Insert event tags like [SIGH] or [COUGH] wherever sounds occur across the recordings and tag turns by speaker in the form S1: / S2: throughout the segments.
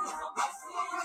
S1: Thank you.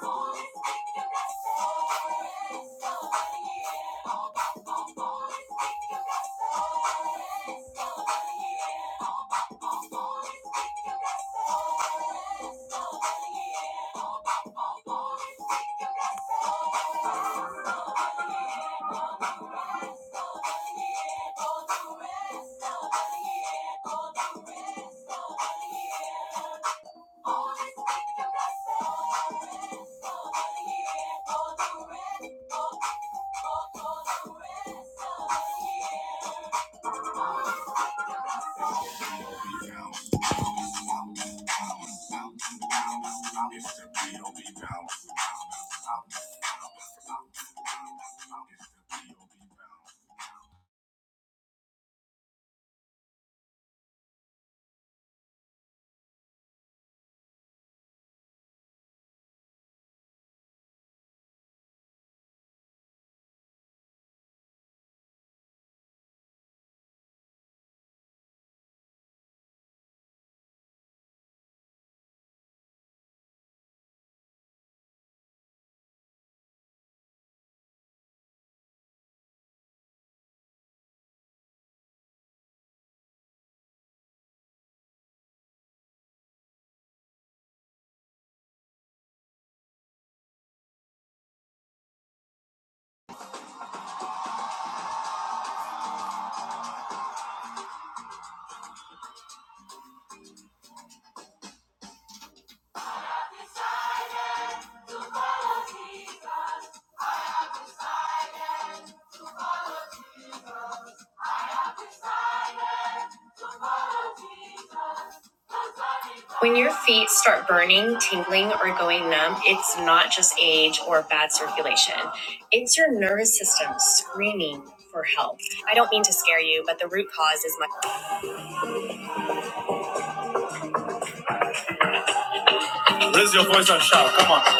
S1: Go to rest, go to rest, go to rest, go to rest. When your feet start burning, tingling, or going numb, it's not just age or bad circulation. It's your nervous system screaming for help. I don't mean to scare you, but the root cause is my. Raise your voice and shout. Come on.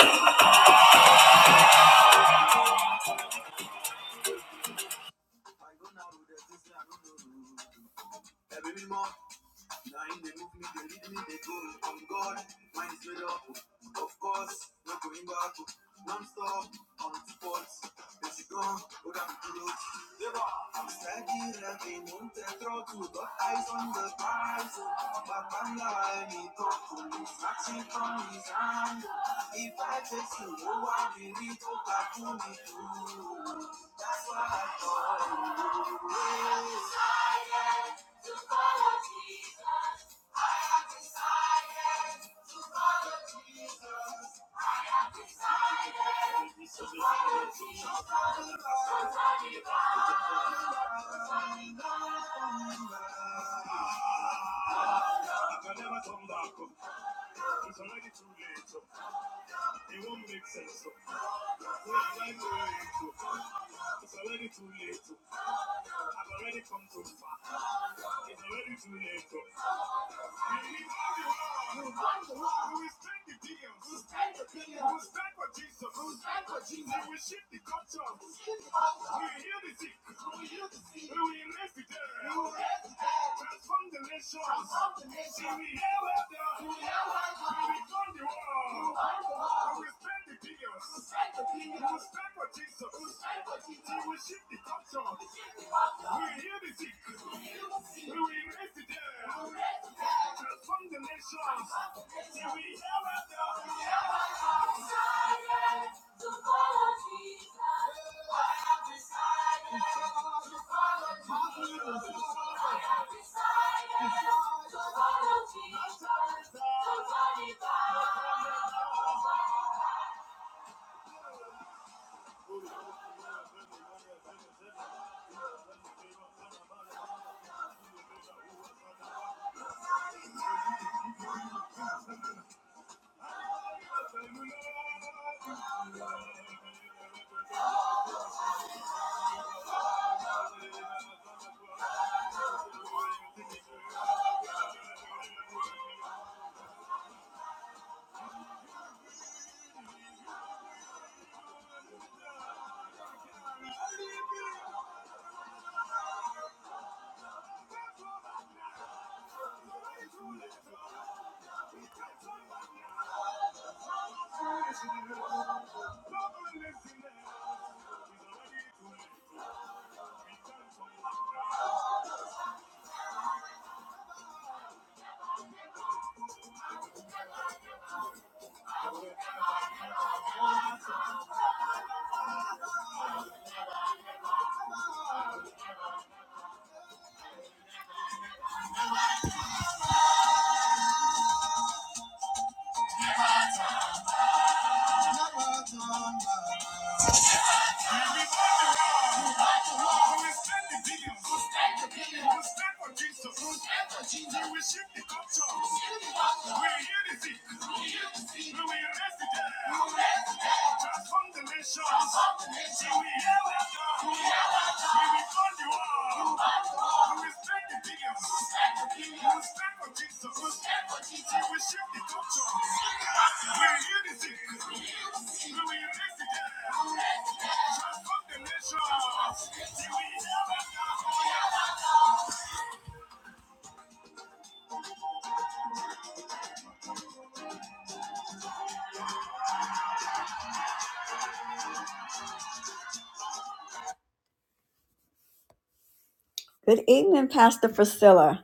S1: Good evening, Pastor Priscilla.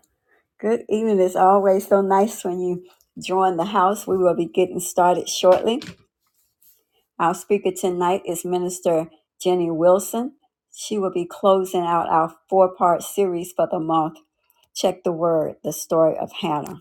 S1: Good evening. It's always so nice when you join the house. We will be getting started shortly. Our speaker tonight is Minister Jenny Wilson. She will be closing out our four part series for the month. Check the word, the story of Hannah.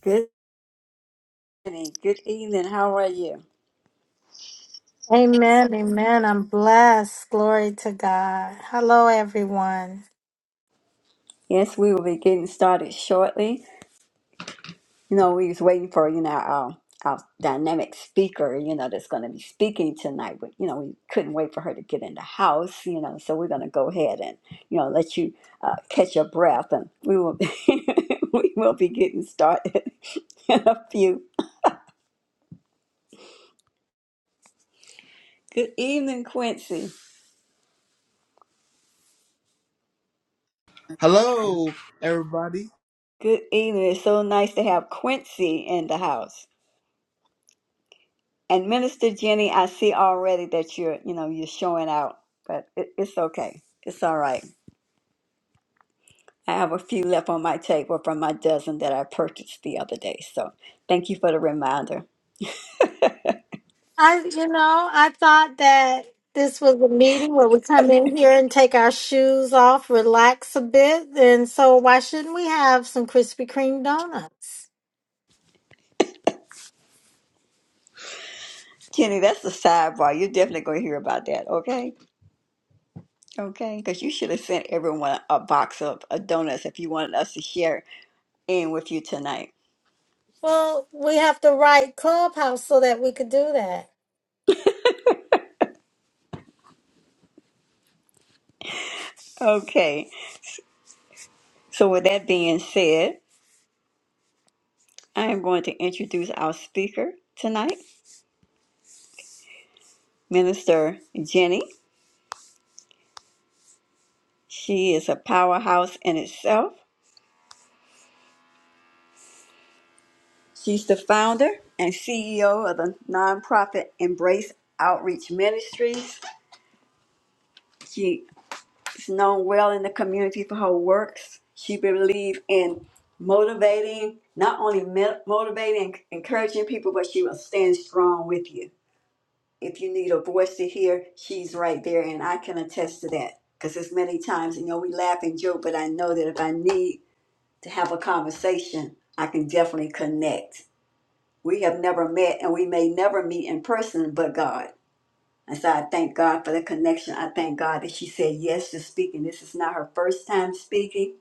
S1: Good evening. Good evening. How are you?
S2: Amen, amen. I'm blessed. Glory to God. Hello, everyone.
S1: Yes, we will be getting started shortly. You know, we was waiting for you know our our dynamic speaker. You know, that's going to be speaking tonight. But you know, we couldn't wait for her to get in the house. You know, so we're going to go ahead and you know let you uh, catch your breath, and we will [LAUGHS] we will be getting started [LAUGHS] in a few. Good evening, Quincy.
S3: Hello, everybody.
S1: Good evening. It's so nice to have Quincy in the house. And Minister Jenny, I see already that you're, you know, you're showing out, but it, it's okay. It's all right. I have a few left on my table from my dozen that I purchased the other day. So thank you for the reminder.
S2: I, you know, I thought that this was a meeting where we come in here and take our shoes off, relax a bit. And so, why shouldn't we have some Krispy Kreme donuts?
S1: Jenny, that's the sidebar. You're definitely going to hear about that, okay? Okay, because you should have sent everyone a box of uh, donuts if you wanted us to share in with you tonight.
S2: Well, we have to write Clubhouse so that we could do that.
S1: Okay, so with that being said, I am going to introduce our speaker tonight, Minister Jenny. She is a powerhouse in itself. She's the founder and CEO of the nonprofit Embrace Outreach Ministries. She is known well in the community for her works. She believes in motivating, not only me- motivating, and encouraging people, but she will stand strong with you. If you need a voice to hear, she's right there, and I can attest to that. Because there's many times, you know, we laugh and joke, but I know that if I need to have a conversation, I can definitely connect. We have never met and we may never meet in person, but God. And so I thank God for the connection. I thank God that she said yes to speaking. This is not her first time speaking.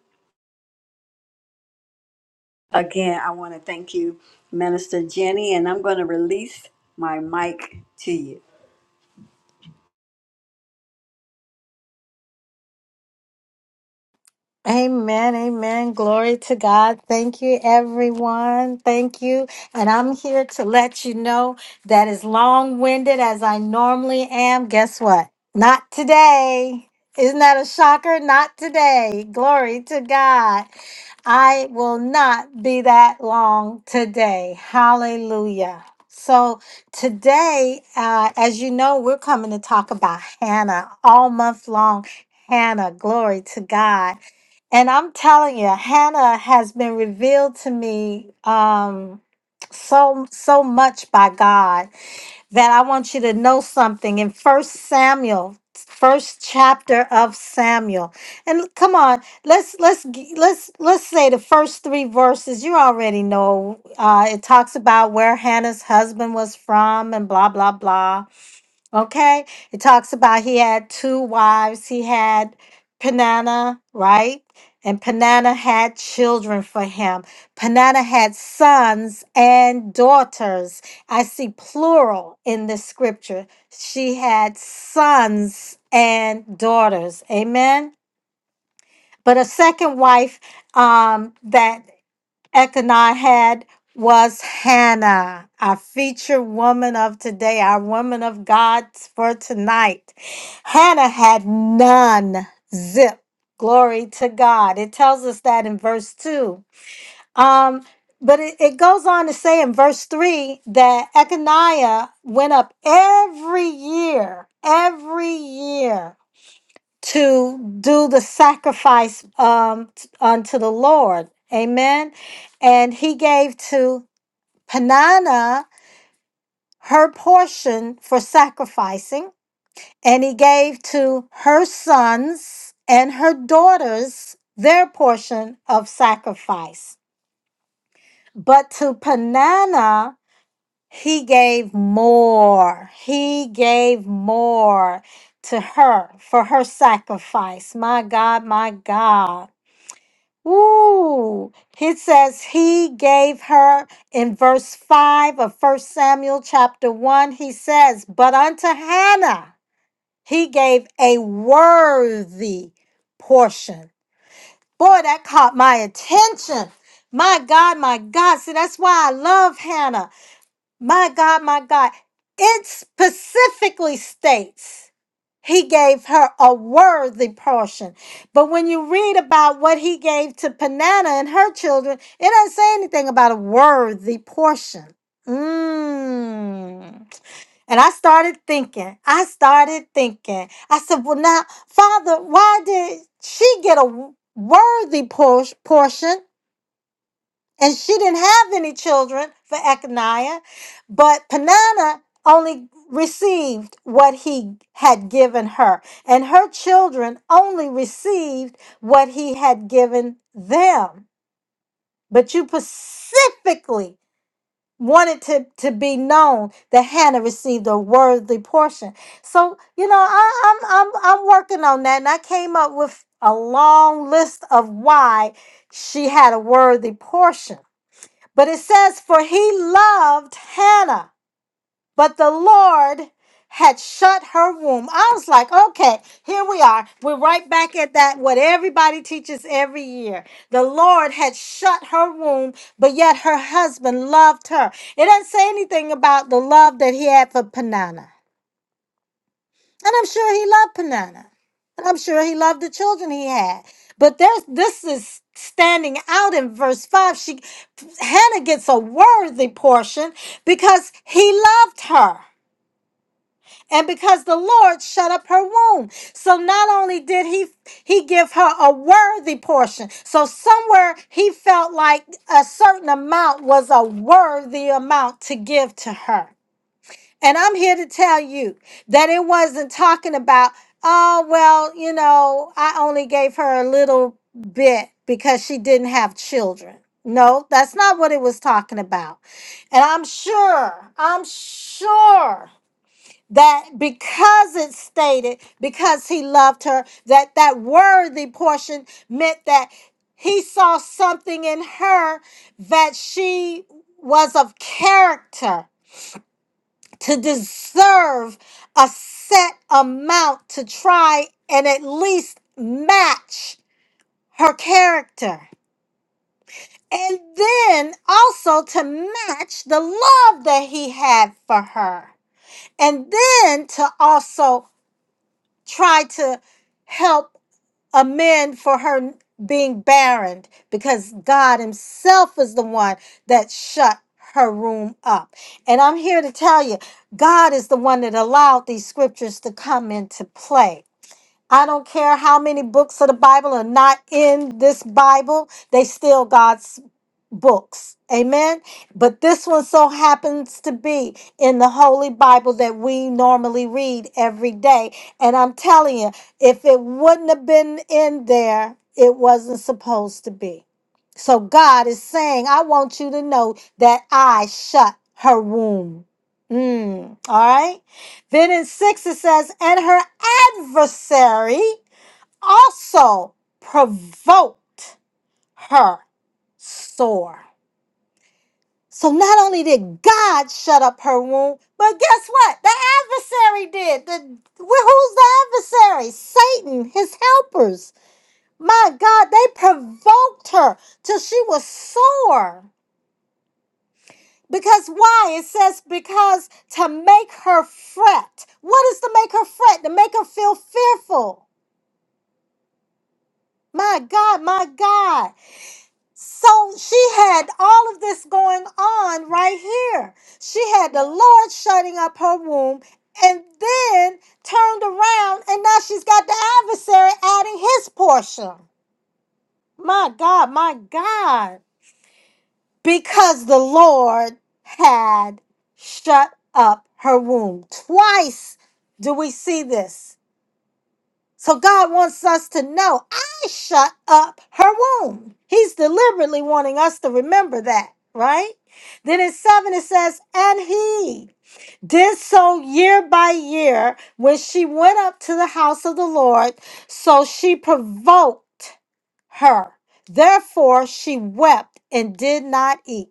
S1: Again, I want to thank you, Minister Jenny, and I'm going to release my mic to you.
S2: Amen, amen. Glory to God. Thank you, everyone. Thank you. And I'm here to let you know that as long winded as I normally am, guess what? Not today. Isn't that a shocker? Not today. Glory to God. I will not be that long today. Hallelujah. So, today, uh, as you know, we're coming to talk about Hannah all month long. Hannah, glory to God. And I'm telling you, Hannah has been revealed to me um, so so much by God that I want you to know something in First Samuel, first chapter of Samuel. And come on, let's let's g- let's let's say the first three verses. You already know. Uh, it talks about where Hannah's husband was from, and blah blah blah. Okay. It talks about he had two wives. He had Penana, right? And Penana had children for him. Penana had sons and daughters. I see plural in the scripture. She had sons and daughters. Amen. But a second wife um, that Ekanah had was Hannah, our feature woman of today, our woman of God for tonight. Hannah had none. Zip. Glory to God. It tells us that in verse 2. Um, but it, it goes on to say in verse 3 that Echaniah went up every year, every year to do the sacrifice um, t- unto the Lord. Amen. And he gave to Panana her portion for sacrificing, and he gave to her sons and her daughters their portion of sacrifice. But to Panana, he gave more. He gave more to her for her sacrifice. My God, my God. Ooh, he says he gave her in verse 5 of First Samuel chapter 1. He says, But unto Hannah he gave a worthy portion. Boy, that caught my attention. My God, my God. See, that's why I love Hannah. My God, my God. It specifically states. He gave her a worthy portion. But when you read about what he gave to Panana and her children, it doesn't say anything about a worthy portion. Mm. And I started thinking, I started thinking. I said, Well, now, Father, why did she get a worthy por- portion and she didn't have any children for Echaniah, but Peninnah only received what he had given her, and her children only received what he had given them. But you specifically wanted to, to be known that Hannah received a worthy portion. So, you know, I, I'm, I'm, I'm working on that, and I came up with a long list of why she had a worthy portion but it says, For he loved Hannah, but the Lord had shut her womb. I was like, okay, here we are. We're right back at that, what everybody teaches every year. The Lord had shut her womb, but yet her husband loved her. It doesn't say anything about the love that he had for Panana. And I'm sure he loved Panana. And I'm sure he loved the children he had. But there's this is standing out in verse 5. She Hannah gets a worthy portion because he loved her. And because the Lord shut up her womb. So not only did he he give her a worthy portion. So somewhere he felt like a certain amount was a worthy amount to give to her. And I'm here to tell you that it wasn't talking about, oh, well, you know, I only gave her a little bit because she didn't have children. No, that's not what it was talking about. And I'm sure, I'm sure that because it stated, because he loved her, that that worthy portion meant that he saw something in her that she was of character to deserve a set amount to try and at least match her character. And then also to match the love that he had for her. And then to also try to help amend for her being barren because God Himself is the one that shut her room up. And I'm here to tell you, God is the one that allowed these scriptures to come into play. I don't care how many books of the Bible are not in this Bible, they still God's books. Amen. But this one so happens to be in the Holy Bible that we normally read every day. And I'm telling you, if it wouldn't have been in there, it wasn't supposed to be. So God is saying, I want you to know that I shut her womb. Mm, all right. Then in six, it says, and her adversary also provoked her sore. So not only did God shut up her womb, but guess what? The adversary did. The who's the adversary? Satan, his helpers. My God, they provoked her till she was sore. Because why? It says because to make her fret. What is to make her fret? To make her feel fearful. My God, my God. So she had all of this going on right here. She had the Lord shutting up her womb and then turned around, and now she's got the adversary adding his portion. My God, my God. Because the Lord had shut up her womb. Twice do we see this. So God wants us to know I shut up her womb. He's deliberately wanting us to remember that, right? Then in seven, it says, And he did so year by year when she went up to the house of the Lord. So she provoked her. Therefore, she wept and did not eat.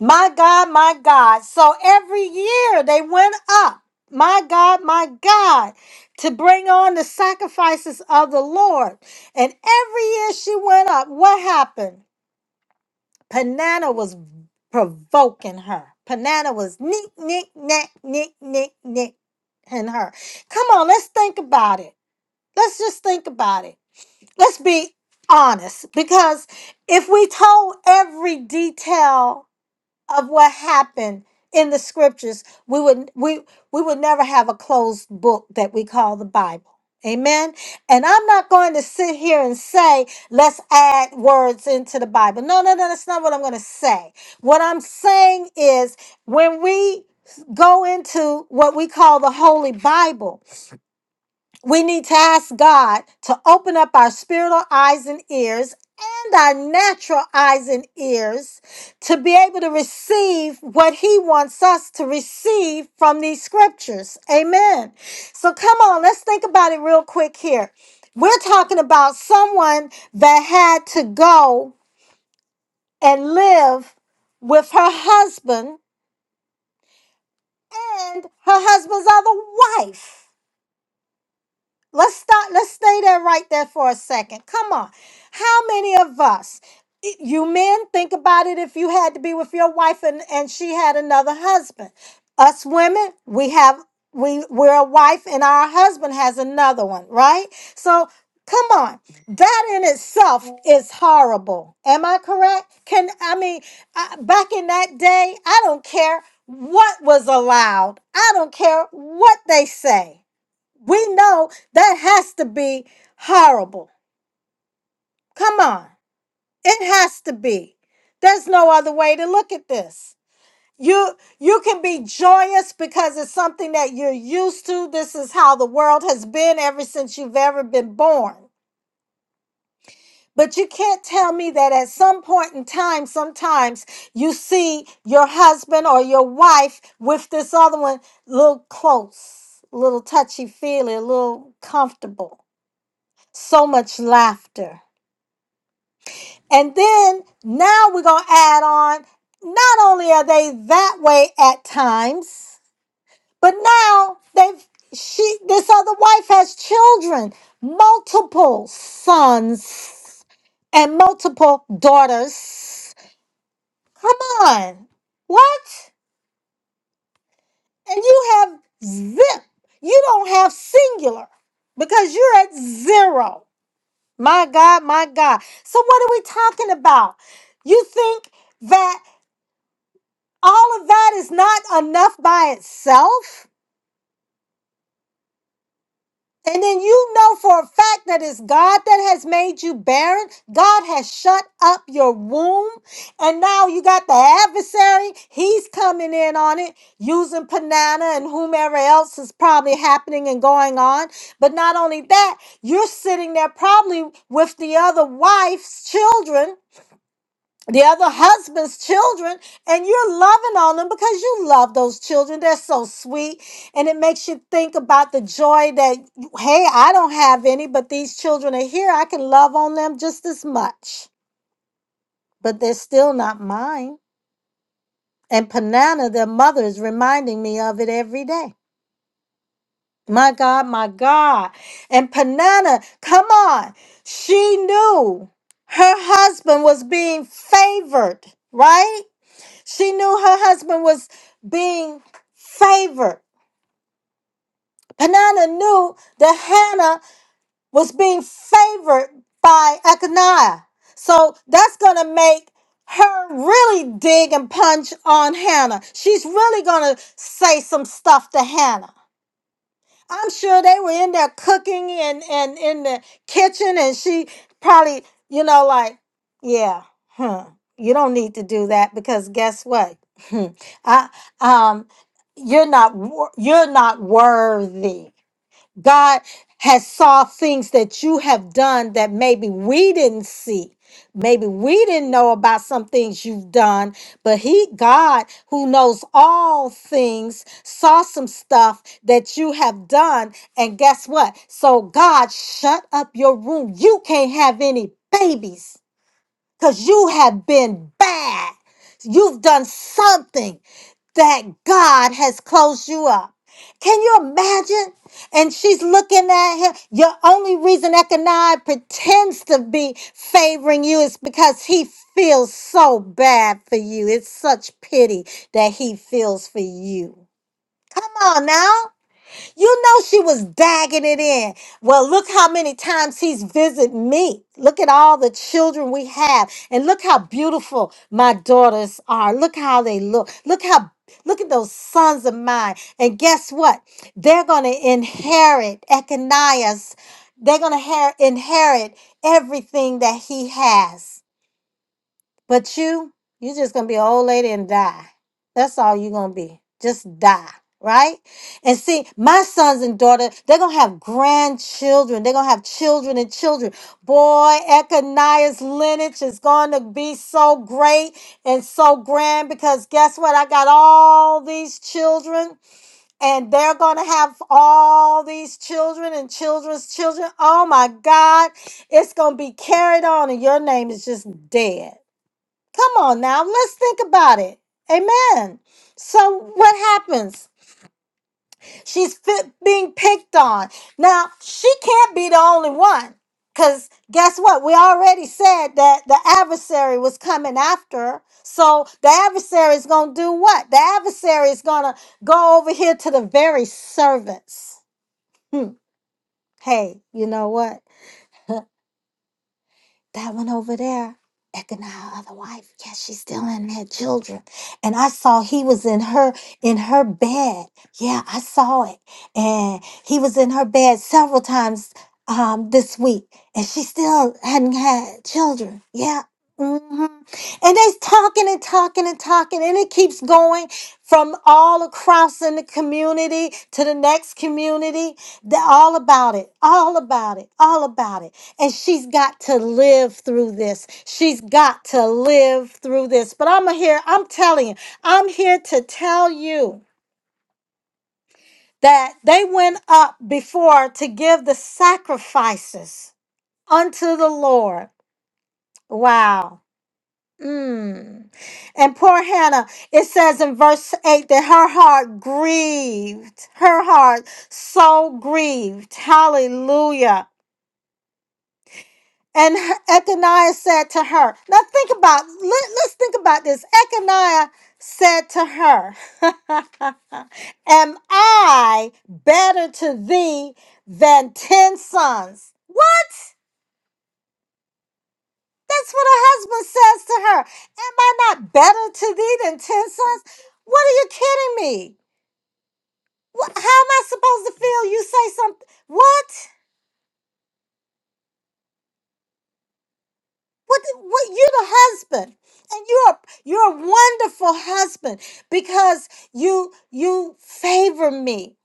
S2: My God, my God. So every year they went up. My God, my God, to bring on the sacrifices of the Lord. And every year she went up, what happened? Panana was provoking her. Panana was nick, nick, nack, nick, nick, nick, and her. Come on, let's think about it. Let's just think about it. Let's be honest because if we told every detail of what happened in the scriptures, we would we we would never have a closed book that we call the Bible. Amen. And I'm not going to sit here and say, let's add words into the Bible. No, no, no, that's not what I'm going to say. What I'm saying is when we go into what we call the Holy Bible, we need to ask God to open up our spiritual eyes and ears and our natural eyes and ears to be able to receive what He wants us to receive from these scriptures. Amen. So come on, let's think about it real quick here. We're talking about someone that had to go and live with her husband and her husband's other wife. Let's stop. Let's stay there right there for a second. Come on. How many of us, i- you men, think about it if you had to be with your wife and, and she had another husband? Us women, we have, we, we're a wife and our husband has another one, right? So come on. That in itself is horrible. Am I correct? Can, I mean, I, back in that day, I don't care what was allowed, I don't care what they say. We know that has to be horrible. Come on. It has to be. There's no other way to look at this. You you can be joyous because it's something that you're used to. This is how the world has been ever since you've ever been born. But you can't tell me that at some point in time, sometimes you see your husband or your wife with this other one a little close, a little touchy feely, a little comfortable. So much laughter And then now we're going to add on not only are they that way at times, but now they've she this other wife has children, multiple sons and multiple daughters. Come on. What? And you have zip. You don't have singular because you're at zero. My God, my God. So what are we talking about? You think that all of that is not enough by itself. And then you know for a fact that it's God that has made you barren. God has shut up your womb. And now you got the adversary. He's coming in on it using Panana and whomever else is probably happening and going on. But not only that, you're sitting there probably with the other wife's children the other husband's children and you're loving on them because you love those children they're so sweet and it makes you think about the joy that hey i don't have any but these children are here i can love on them just as much but they're still not mine and panana their mother is reminding me of it every day my god my god and panana come on she knew her husband was being favored right She knew her husband was being favored. Penina knew that Hannah was being favored by Akaniah. So that's going to make her really dig and punch on Hannah. She's really going to say some stuff to Hannah. I'm sure they were in there cooking and, and in the kitchen, and she probably, you know, like, yeah, huh, you don't need to do that because guess what? [LAUGHS] I, um, you're not wor- you're not worthy. God has saw things that you have done that maybe we didn't see. Maybe we didn't know about some things you've done, but he God who knows all things saw some stuff that you have done and guess what? So God shut up your room. You can't have any babies cuz you have been bad. You've done something that God has closed you up. Can you imagine? And she's looking at him. Your only reason Ekanai pretends to be favoring you is because he feels so bad for you. It's such pity that he feels for you. Come on now. You know she was bagging it in. Well, look how many times he's visited me. Look at all the children we have. And look how beautiful my daughters are. Look how they look. Look how look at those sons of mine. And guess what? They're gonna inherit Echaniah's. They're gonna ha- inherit everything that he has. But you, you're just gonna be an old lady and die. That's all you're gonna be. Just die, right? And see, my sons and daughters they're gonna have grandchildren. They're gonna have children and children. Boy, Echaniah's lineage is gonna be so great and so grand because guess what? I got all these children, and they're gonna have all these children and children's children. Oh my God, it's gonna be carried on, and your name is just dead. Come on now, let's think about it. Amen. So what happens? She's fit, being picked on. Now, she can't be the only one. Because guess what? We already said that the adversary was coming after her. So the adversary is going to do what? The adversary is going to go over here to the very servants. Hmm. Hey, you know what? that one over there, Ekanah, other wife, yeah, she's still in had children. And I saw he was in her in her bed. Yeah, I saw it. And he was in her bed several times um this week. And she still hadn't had children. Yeah. hmm And they's talking and talking and talking, and it keeps going from all across in the community to the next community. They're all about it, all about it, all about it. And she's got to live through this. She's got to live through this. But I'm here, I'm telling you, I'm here to tell you that they went up before to give the sacrifices unto the Lord. Wow. Mm. And poor Hannah, it says in verse 8 that her heart grieved, her heart so grieved. Hallelujah. And her- Echaniah said to her, Now think about, let, us think about this. Echaniah said to her, [LAUGHS] Am I better to thee than 10 sons? What? That's what her husband says to her. Am I not better to thee than 10 sons? What are you kidding me? What, how am I supposed to feel? You say something. What? What, what you're the husband and you're you're a wonderful husband because you you favor me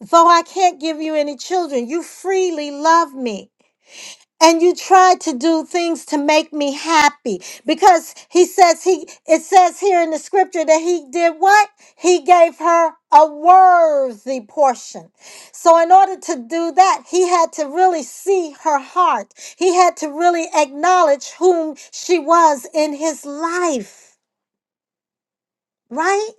S2: though i can't give you any children you freely love me and you tried to do things to make me happy because he says he it says here in the scripture that he did what he gave her a worthy portion so in order to do that he had to really see her heart he had to really acknowledge whom she was in his life right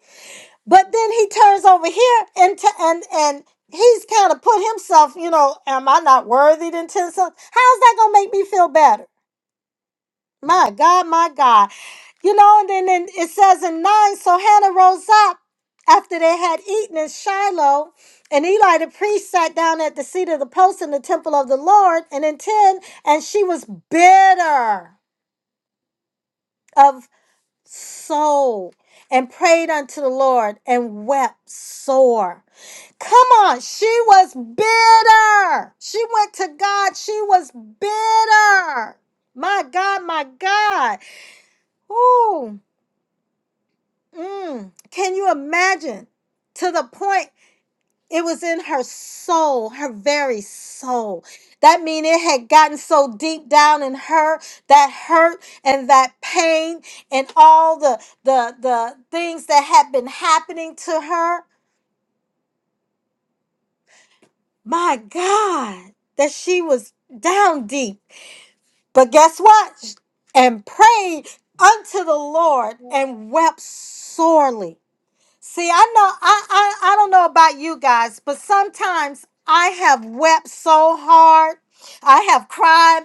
S2: but then he turns over here and t- and and he's kind of put himself you know am i not worthy to tend some how's that gonna make me feel better My God, my God. You know, and then then it says in 9 so Hannah rose up after they had eaten in Shiloh, and Eli the priest sat down at the seat of the post in the temple of the Lord. And in 10, and she was bitter of soul and prayed unto the Lord and wept sore. Come on, she was bitter. She went to God, she was bitter. My God, my God. Ooh. Mm, can you imagine? To the point it was in her soul, her very soul. That mean it had gotten so deep down in her, that hurt and that pain and all the the the things that had been happening to her. My God, that she was down deep. But guess what? And prayed unto the Lord and wept sorely. See, I know I, I I don't know about you guys, but sometimes I have wept so hard. I have cried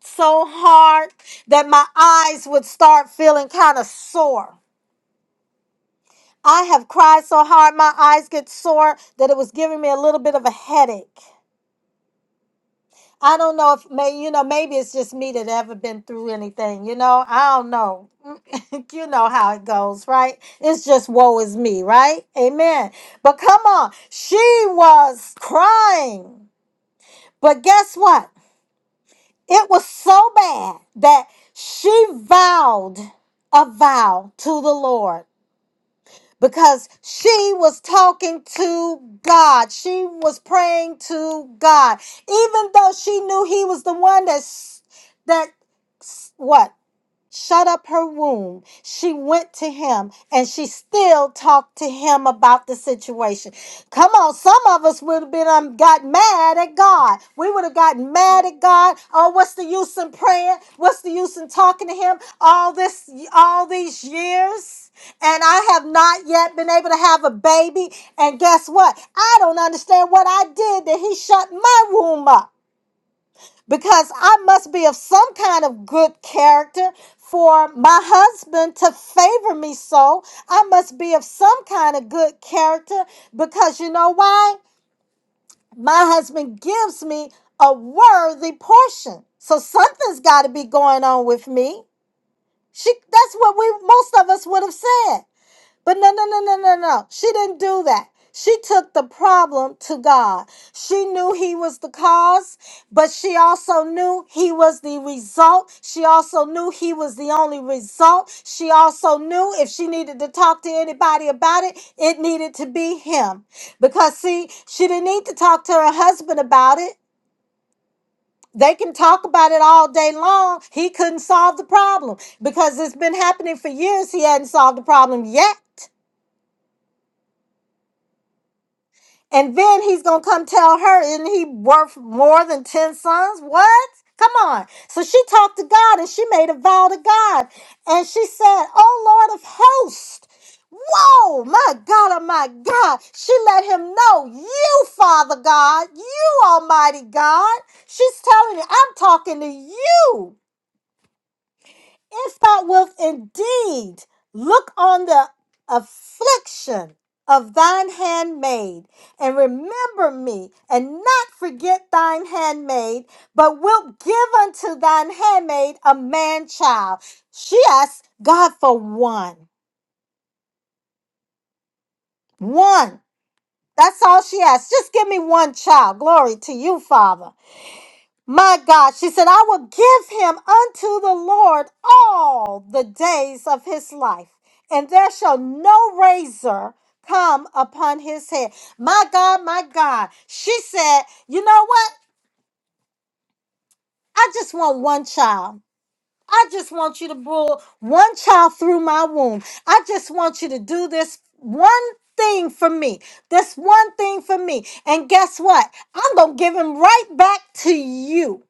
S2: so hard that my eyes would start feeling kind of sore. I have cried so hard my eyes get sore that it was giving me a little bit of a headache. I don't know if may you know maybe it's just me that ever been through anything. You know, I don't know. [LAUGHS] you know how it goes, right? It's just woe is me, right? Amen. But come on, she was crying. But guess what? It was so bad that she vowed a vow to the Lord because she was talking to God. She was praying to God, even though she knew He was the one that s- that s- what shut up her room, she went to him and she still talked to him about the situation. Come on, some of us would have been um, got mad at God. We would have gotten mad at God. Oh, what's the use in praying? What's the use in talking to him all this all these years? And I have not yet been able to have a baby. And guess what? I don't understand what I did that he shut my room up because I must be of some kind of good character for my husband to favor me so. I must be of some kind of good character because you know why? My husband gives me a worthy portion. So something's got to be going on with me. She that's what we most of us would have said. But no, no, no, no, no, no. She didn't do that. She took the problem to God. She knew he was the cause, but she also knew he was the result. She also knew he was the only result. She also knew if she needed to talk to anybody about it, it needed to be him. Because, see, she didn't need to talk to her husband about it. They can talk about it all day long. He couldn't solve the problem because it's been happening for years. He hadn't solved the problem yet. And then he's gonna come tell her, isn't he worth more than 10 sons? What? Come on. So she talked to God and she made a vow to God. And she said, Oh Lord of hosts. Whoa, my God, oh my God. She let him know, You, Father God, you Almighty God. She's telling you, I'm talking to you. Israel will indeed look on the affliction of thine handmaid and remember me and not forget thine handmaid, but wilt give unto thine handmaid a man child. She asked God for one. One. That's all she asked. Just give me one child. Glory to you, Father. My God, she said, I will give him unto the Lord all the days of his life, and there shall no razor come upon his head. My God, my God. She said, You know what? I just want one child. I just want you to pull one child through my womb. I just want you to do this one thing for me. This one thing for me. And guess what? I'm going to give him right back to you.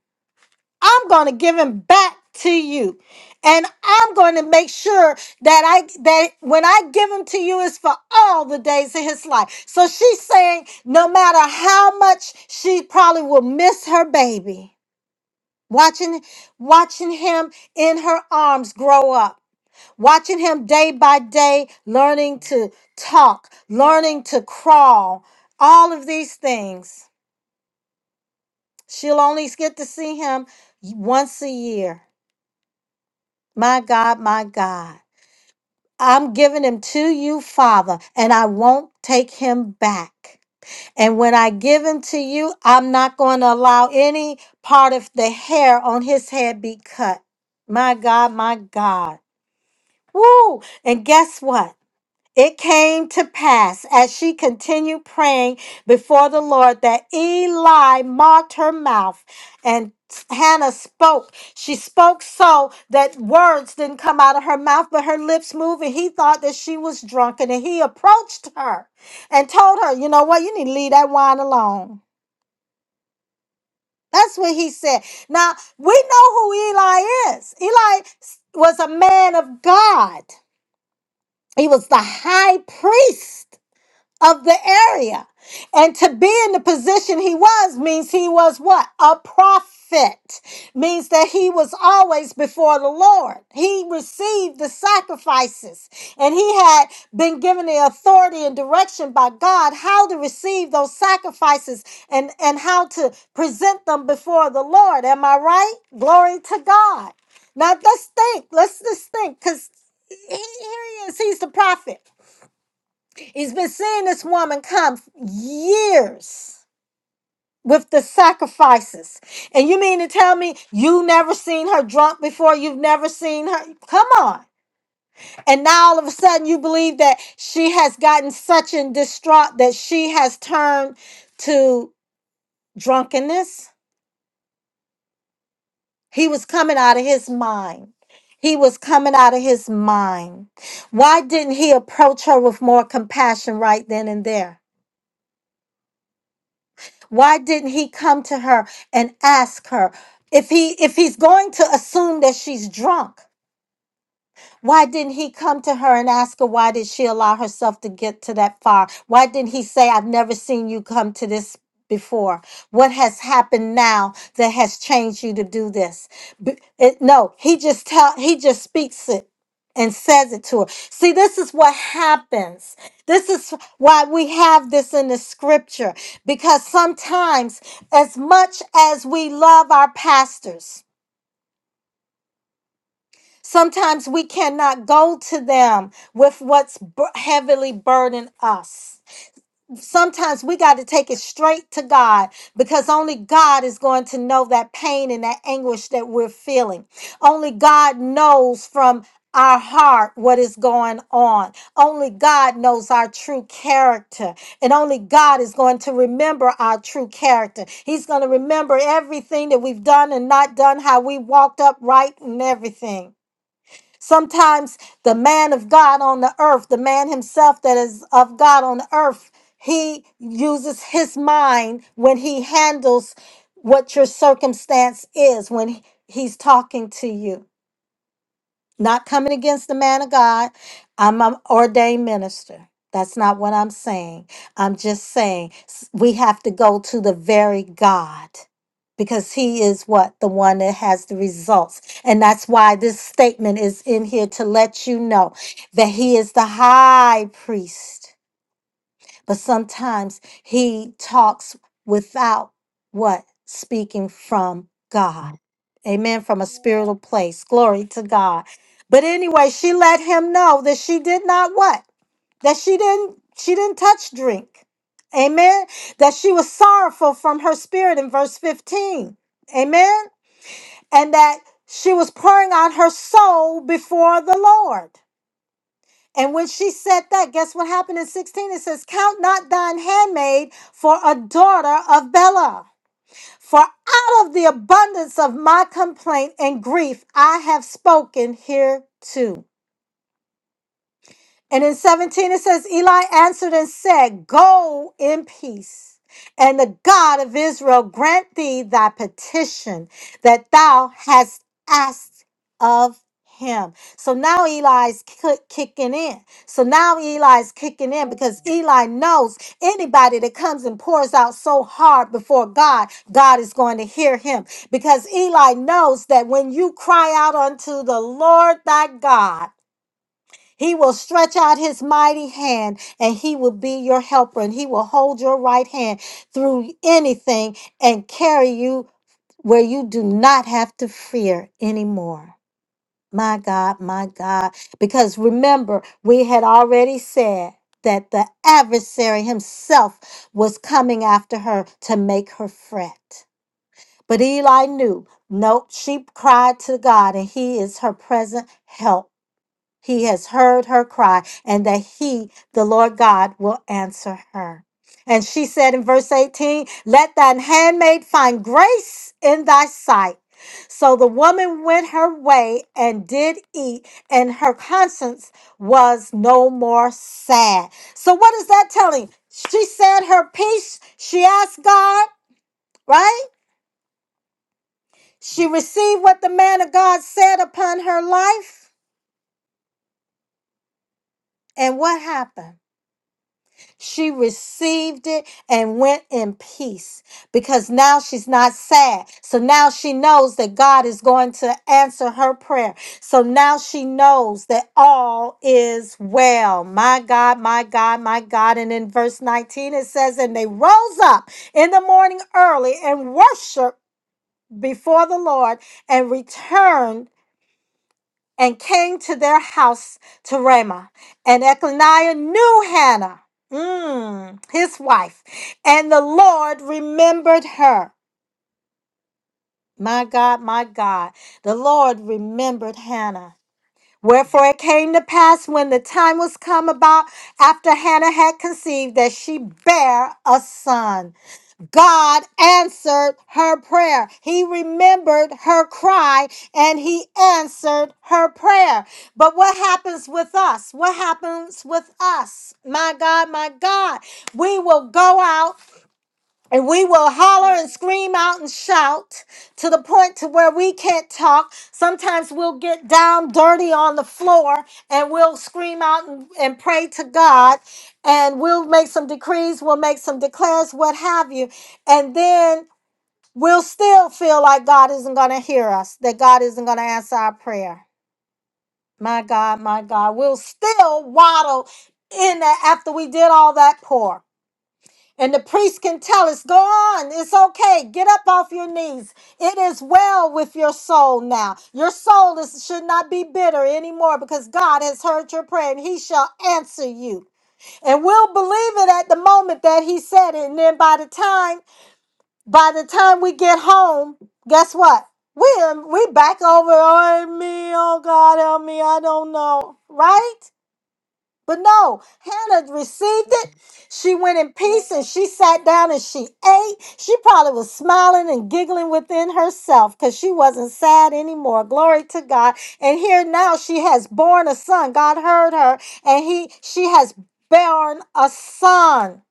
S2: I'm going to give him back to you. And I'm going to make sure that I that when I give him to you is for all the days of his life. So she's saying no matter how much she probably will miss her baby, watching watching him in her arms grow up, watching him day by day learning to talk, learning to crawl, all of these things. She'll only get to see him once a year My God, my God. I'm giving him to you, Father, and I won't take him back. And when I give him to you, I'm not going to allow any part of the hair on his head be cut. My God, my God. Woo! And guess what? It came to pass as she continued praying before the Lord that Eli marked her mouth and Hannah spoke. She spoke so that words didn't come out of her mouth, but her lips moved, and he thought that she was drunken. And he approached her and told her, You know what? You need to leave that wine alone. That's what he said. Now, we know who Eli is. Eli was a man of God, he was the high priest. of the area. And to be in the position he was means he was what? A prophet. Means that he was always before the Lord. He received the sacrifices and he had been given the authority and direction by God how to receive those sacrifices and, and how to present them before the Lord. Am I right? Glory to God. Now let's think. Let's just think because here he is. He's the prophet. He's been seeing this woman come years with the sacrifices. And you mean to tell me you never seen her drunk before? You've never seen her? Come on. And now all of a sudden you believe that she has gotten such in distraught that she has turned to drunkenness. He was coming out of his mind. He was coming out of his mind. Why didn't he approach her with more compassion right then and there? Why didn't he come to her and ask her if he if he's going to assume that she's drunk? Why didn't he come to her and ask her why did she allow herself to get to that far? Why didn't he say, I've never seen you come to this before? What has happened now that has changed you to do this? B- it- no, he just tell he just speaks it and says it to her. See, this is what happens. This is why we have this in the scripture. Because sometimes, as much as we love our pastors, Sometimes we cannot go to them with what's bur- heavily burdened us. Sometimes we got to take it straight to God because only God is going to know that pain and that anguish that we're feeling. Only God knows from our heart what is going on. Only God knows our true character. And only God is going to remember our true character. He's going to remember everything that we've done and not done, how we walked upright and everything. Sometimes the man of God on the earth, the man himself that is of God on the earth, he uses his mind when he handles what your circumstance is when he- he's talking to you. Not coming against the man of God. I'm an ordained minister. That's not what I'm saying. I'm just saying s- we have to go to the very God because he is what? The one that has the results. And that's why this statement is in here to let you know that he is the high priest but sometimes he talks without what speaking from God. Amen. From a spiritual place. Glory to God. But anyway, she let him know that she did not what? That she didn't she didn't touch drink. Amen. That she was sorrowful from her spirit in verse 15. Amen. And that she was pouring out her soul before the Lord. And when she said that, guess what happened in 16? It says, Count not thine handmaid for a daughter of Bela. For out of the abundance of my complaint and grief I have spoken here too." And in 17, it says, Eli answered and said, Go in peace, and the God of Israel grant thee thy petition that thou hast asked of him. So now Eli's ki- kicking in. So now Eli's kicking in because Eli knows anybody that comes and pours out so hard before God, God is going to hear him. Because Eli knows that when you cry out unto the Lord thy God, he will stretch out his mighty hand and he will be your helper and he will hold your right hand through anything and carry you where you do not have to fear anymore. My God, my God. Because remember, we had already said that the adversary himself was coming after her to make her fret. But Eli knew, nope, she cried to God and he is her present help he has heard her cry, and that he, the Lord God, will answer her. And she said in verse 18, Let thine handmaid find grace in thy sight. So the woman went her way and did eat, and her conscience was no more sad. So, what is that telling? She said her piece, she asked God, right? She received what the man of God said upon her life. And what happened? She received it and went in peace because now she's not sad. So now she knows that God is going to answer her prayer. So now she knows that all is well. My God, my God, my God. And in verse 19, it says, And they rose up in the morning early and worshiped before the Lord and returned and came to their house to Ramah. And Echaniah knew Hannah, mm, his wife, and the Lord remembered her. My God, my God, the Lord remembered Hannah. Wherefore it came to pass when the time was come about after Hannah had conceived that she bare a son. God answered her prayer. He remembered her cry and he answered her prayer. But what happens with us? What happens with us? My God, my God, we will go out. And we will holler and scream out and shout to the point to where we can't talk. Sometimes we'll get down dirty on the floor and we'll scream out and, and pray to God and we'll make some decrees, we'll make some declares, what have you. And then we'll still feel like God isn't going to hear us, that God isn't going to answer our prayer. My God, my God, we'll still waddle in that after we did all that pour. And the priest can tell us, go on, it's okay, get up off your knees. It is well with your soul now. Your soul is, should not be bitter anymore because God has heard your prayer and he shall answer you. And we'll believe it at the moment that he said it. And then by the time, by the time we get home, guess what? We're we back over on me, oh God help me, I don't know. Right? But no, Hannah received it. She went in peace and she sat down and she ate. She probably was smiling and giggling within herself because she wasn't sad anymore. Glory to God. And here now she has born a son. God heard her and he she has born a son.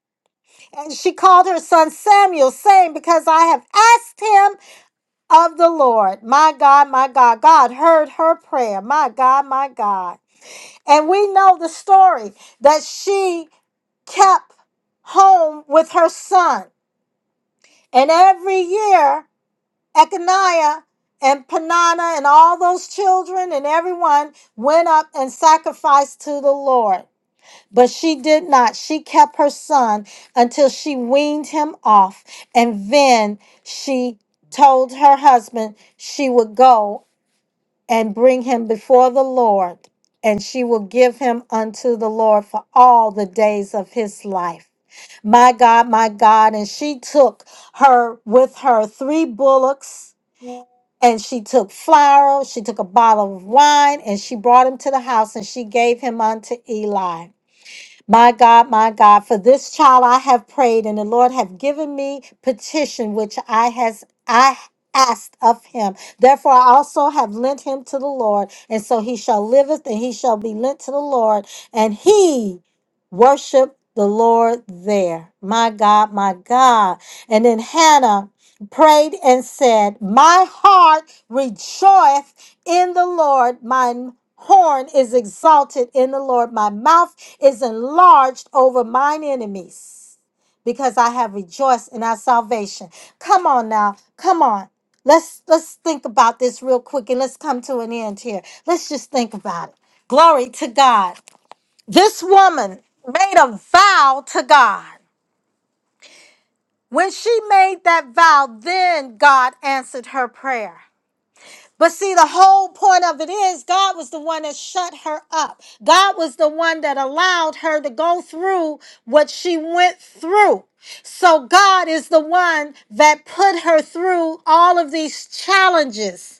S2: And she called her son Samuel, saying, Because I have asked him of the Lord. My God, my God. God heard her prayer. My God, my God. And we know the story that she kept home with her son. And every year, Echaniah and Panana and all those children and everyone went up and sacrificed to the Lord. But she did not. She kept her son until she weaned him off. And then she told her husband she would go and bring him before the Lord, and she will give him unto the Lord for all the days of his life. My God, my God. And she took her with her three bullocks. And she took flour, she took a bottle of wine, and she brought him to the house, and she gave him unto Eli. My God, my God, for this child I have prayed, and the Lord have given me petition which I has I asked of him. Therefore I also have lent him to the Lord, and so he shall liveth, and he shall be lent to the Lord, and he worship the Lord there. My God, my God. And then Hannah prayed and said, My heart rejoiceth in the Lord, mine horn is exalted in the Lord, my mouth is enlarged over mine enemies, because I have rejoiced in our salvation. Come on now, come on. Let's let's think about this real quick and let's come to an end here. Let's just think about it. Glory to God. This woman made a vow to God. When she made that vow, then God answered her prayer. But see, the whole point of it is God was the one that shut her up. God was the one that allowed her to go through what she went through. So God is the one that put her through all of these challenges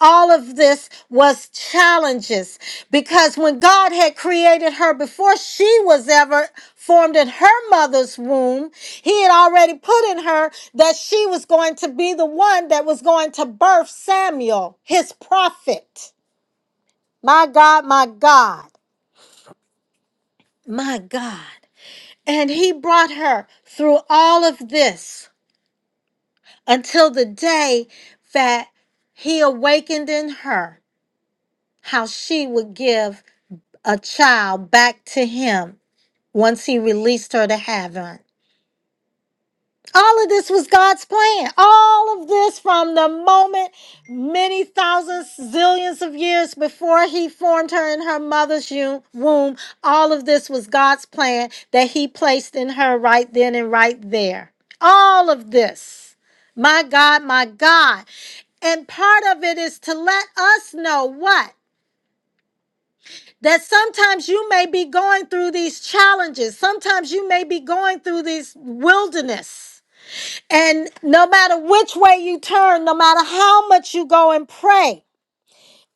S2: all of this was challenges because when God had created her before she was ever formed in her mother's womb, He had already put in her that she was going to be the one that was going to birth Samuel, his prophet. My God, my God, my God. And He brought her through all of this until the day that He awakened in her how she would give. a child back to him once he released her to heaven. All of this was God's plan. All of this from the moment many thousands, zillions of years before he formed her in her mother's u- womb, all of this was God's plan that he placed in her right then and right there. All of this. My God, my God. And part of it is to let us know what? that sometimes you may be going through these challenges. Sometimes you may be going through this wilderness. And no matter which way you turn, no matter how much you go and pray,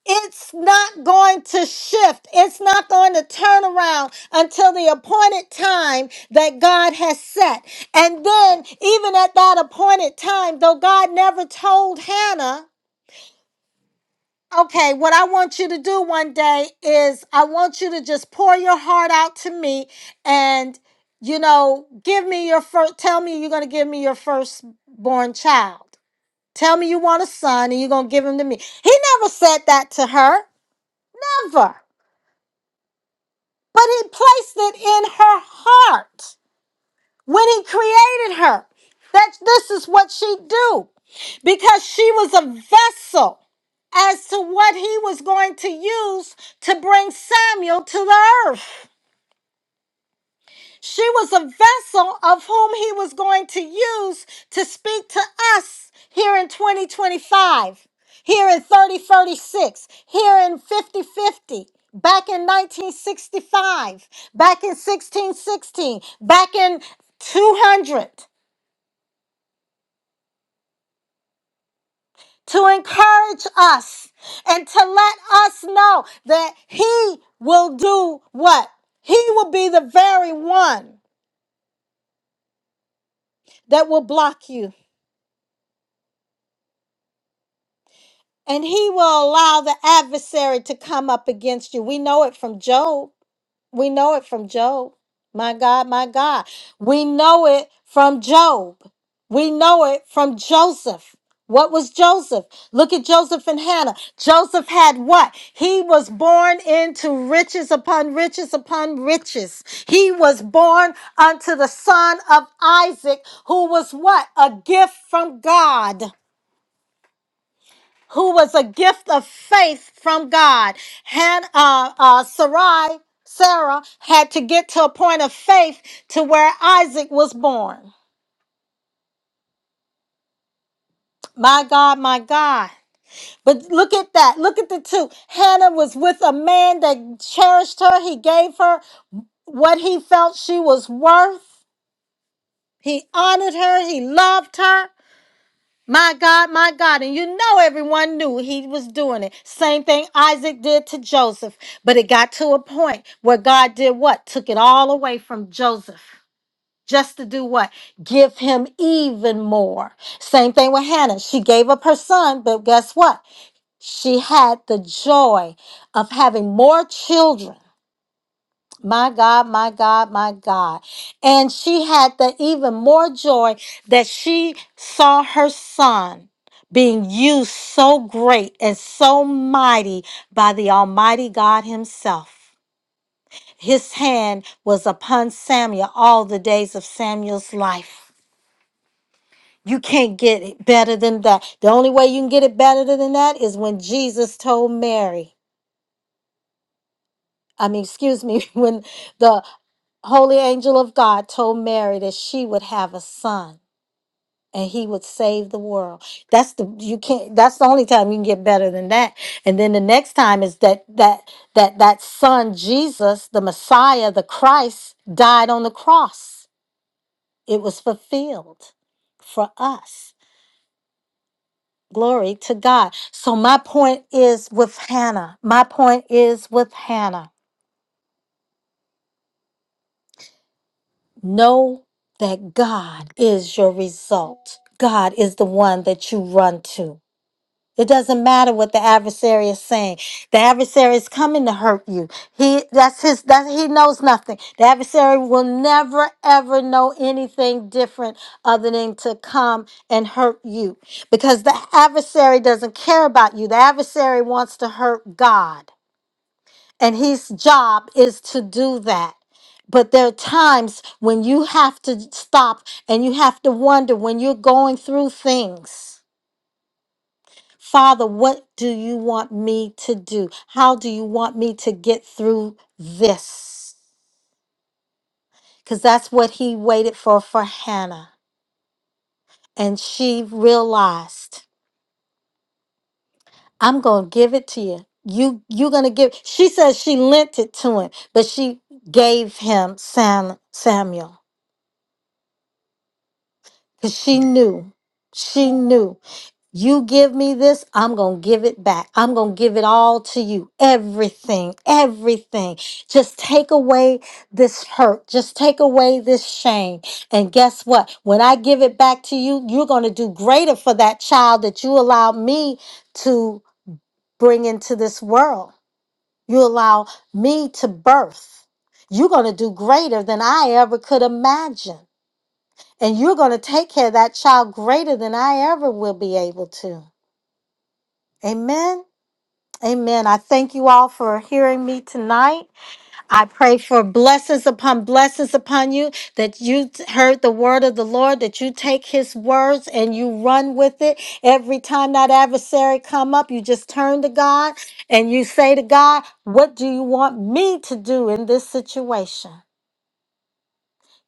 S2: it's not going to shift. It's not going to turn around until the appointed time that God has set. And then, even at that appointed time, though God never told Hannah, Okay, what I want you to do one day is I want you to just pour your heart out to me and you know, give me your first tell me you're going to give me your firstborn child. Tell me you want a son and you're going to give him to me. He never said that to her ever, but he placed it in her heart. when he created her that this is what she do because she was a vessel as to what he was going to use to bring Samuel to the earth. She was a vessel of whom he was going to use to speak to us here in 2025, here in 3036, here in 5050, back in 1965, back in 1616, back in 200. to encourage us and to let us know that he will do what? He will be the very one that will block you. And he will allow the adversary to come up against you. We know it from Job. We know it from Job. My God, my God. We know it from Job. We know it from Joseph. What was Joseph? Look at Joseph and Hannah. Joseph had what? He was born into riches upon riches upon riches. He was born unto the son of Isaac, who was what? A gift from God who was a gift of faith from God. Han, uh, uh, Sarai, Sarah had to get to a point of faith to where Isaac was born. My God, my God. But look at that. Look at the two. Hannah was with a man that cherished her. He gave her what he felt she was worth. He honored her. He loved her. My God, my God. And you know, everyone knew he was doing it. Same thing Isaac did to Joseph. But it got to a point where God did what? Took it all away from Joseph. Just to do what? Give him even more. Same thing with Hannah. She gave up her son, but guess what? She had the joy of having more children my God, my God, my God. And she had the even more joy that she saw her son being used so great and so mighty by the Almighty God Himself. His hand was upon Samuel all the days of Samuel's life. You can't get it better than that. The only way you can get it better than that is when Jesus told Mary. I mean, excuse me, [LAUGHS] when the holy angel of God told Mary that she would have a son and he would save the world. That's the you can't that's the only time you can get better than that. And then the next time is that that that that son Jesus, the Messiah, the Christ died on the cross. It was fulfilled for us. Glory to God. So my point is with Hannah. My point is with Hannah. Know that God is your result. God is the one that you run to. It doesn't matter what the adversary is saying. The adversary is coming to hurt you. He that's his that he knows nothing. The adversary will never ever know anything different other than to come and hurt you. Because the adversary doesn't care about you. The adversary wants to hurt God and his job is to do that. But there are times when you have to stop and you have to wonder when you're going through things. Father, what do you want me to do? How do you want me to get through this? Because that's what he waited for for Hannah. And she realized, I'm going to give it to you. You you're going to give She says she lent it to him, but she gave him Sam Samuel. Because she knew, she knew, you give me this, I'm going to give it back. I'm going to give it all to you. Everything, everything. Just take away this hurt. Just take away this shame. And guess what? When I give it back to you, you're going to do greater for that child that you allowed me to bring into this world. You allow me to birth. You're going to do greater than I ever could imagine. And you're going to take care of that child greater than I ever will be able to. Amen. Amen. I thank you all for hearing me tonight. I pray for blessings upon blessings upon you that you t- heard the word of the Lord, that you take his words and you run with it. Every time that adversary come up, you just turn to God and you say to God, what do you want me to do in this situation?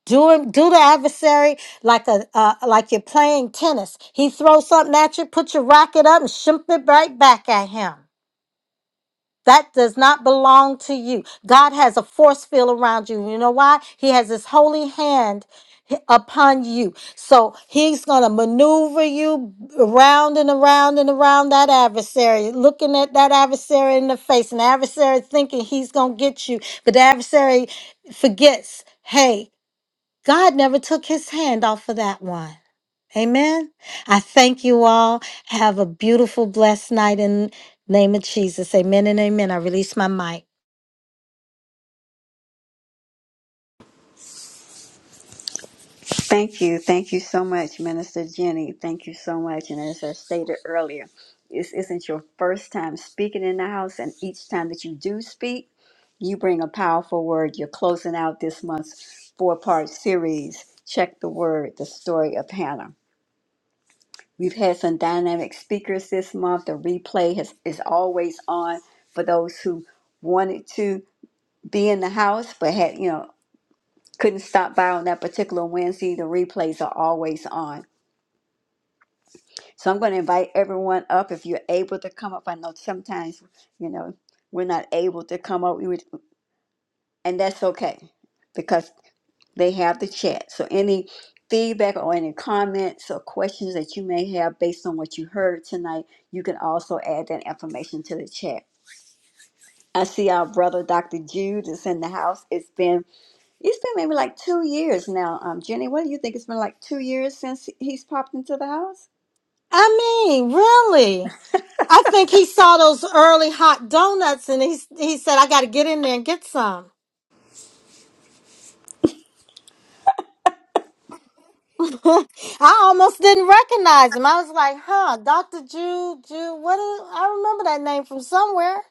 S2: Do him, do the adversary like a uh, like you're playing tennis. He throws something at you, put your racket up, and shimp it right back at him. That does not belong to you. God has a force field around you. You know why? He has His holy hand upon you. So He's gonna maneuver you around and around and around that adversary, looking at that adversary in the face, and the adversary thinking he's gonna get you, but the adversary forgets. Hey, God never took his hand off of that one. Amen. I thank you all. Have a beautiful, blessed night in name of Jesus. Amen and amen. I release my mic.
S1: Thank you. Thank you so much, Minister Jenny. Thank you so much. And as I stated earlier, this isn't your first time speaking in the house, and each time that you do speak, you bring a powerful word. You're closing out this month's four part series, Check the Word, the story of Hannah. We've had some dynamic speakers this month. The replay has, is always on for those who wanted to be in the house but had, you know, couldn't stop by on that particular Wednesday. The replays are always on. So I'm going to invite everyone up if you're able to come up. I know sometimes, you know, we're not able to come up, we would, and that's okay because they have the chat. So any feedback or any comments or questions that you may have based on what you heard tonight, you can also add that information to the chat. I see our brother Dr. Jude is in the house. It's been it's been maybe like two years now. Um, Jenny, what do you think? It's been like two years since he's popped into the house.
S2: I mean, really. I think he saw those early hot donuts and he, he said, I got to get in there and get some. [LAUGHS] I almost didn't recognize him. I was like, huh, Dr. Jude, Jude, what is, I remember that name from somewhere.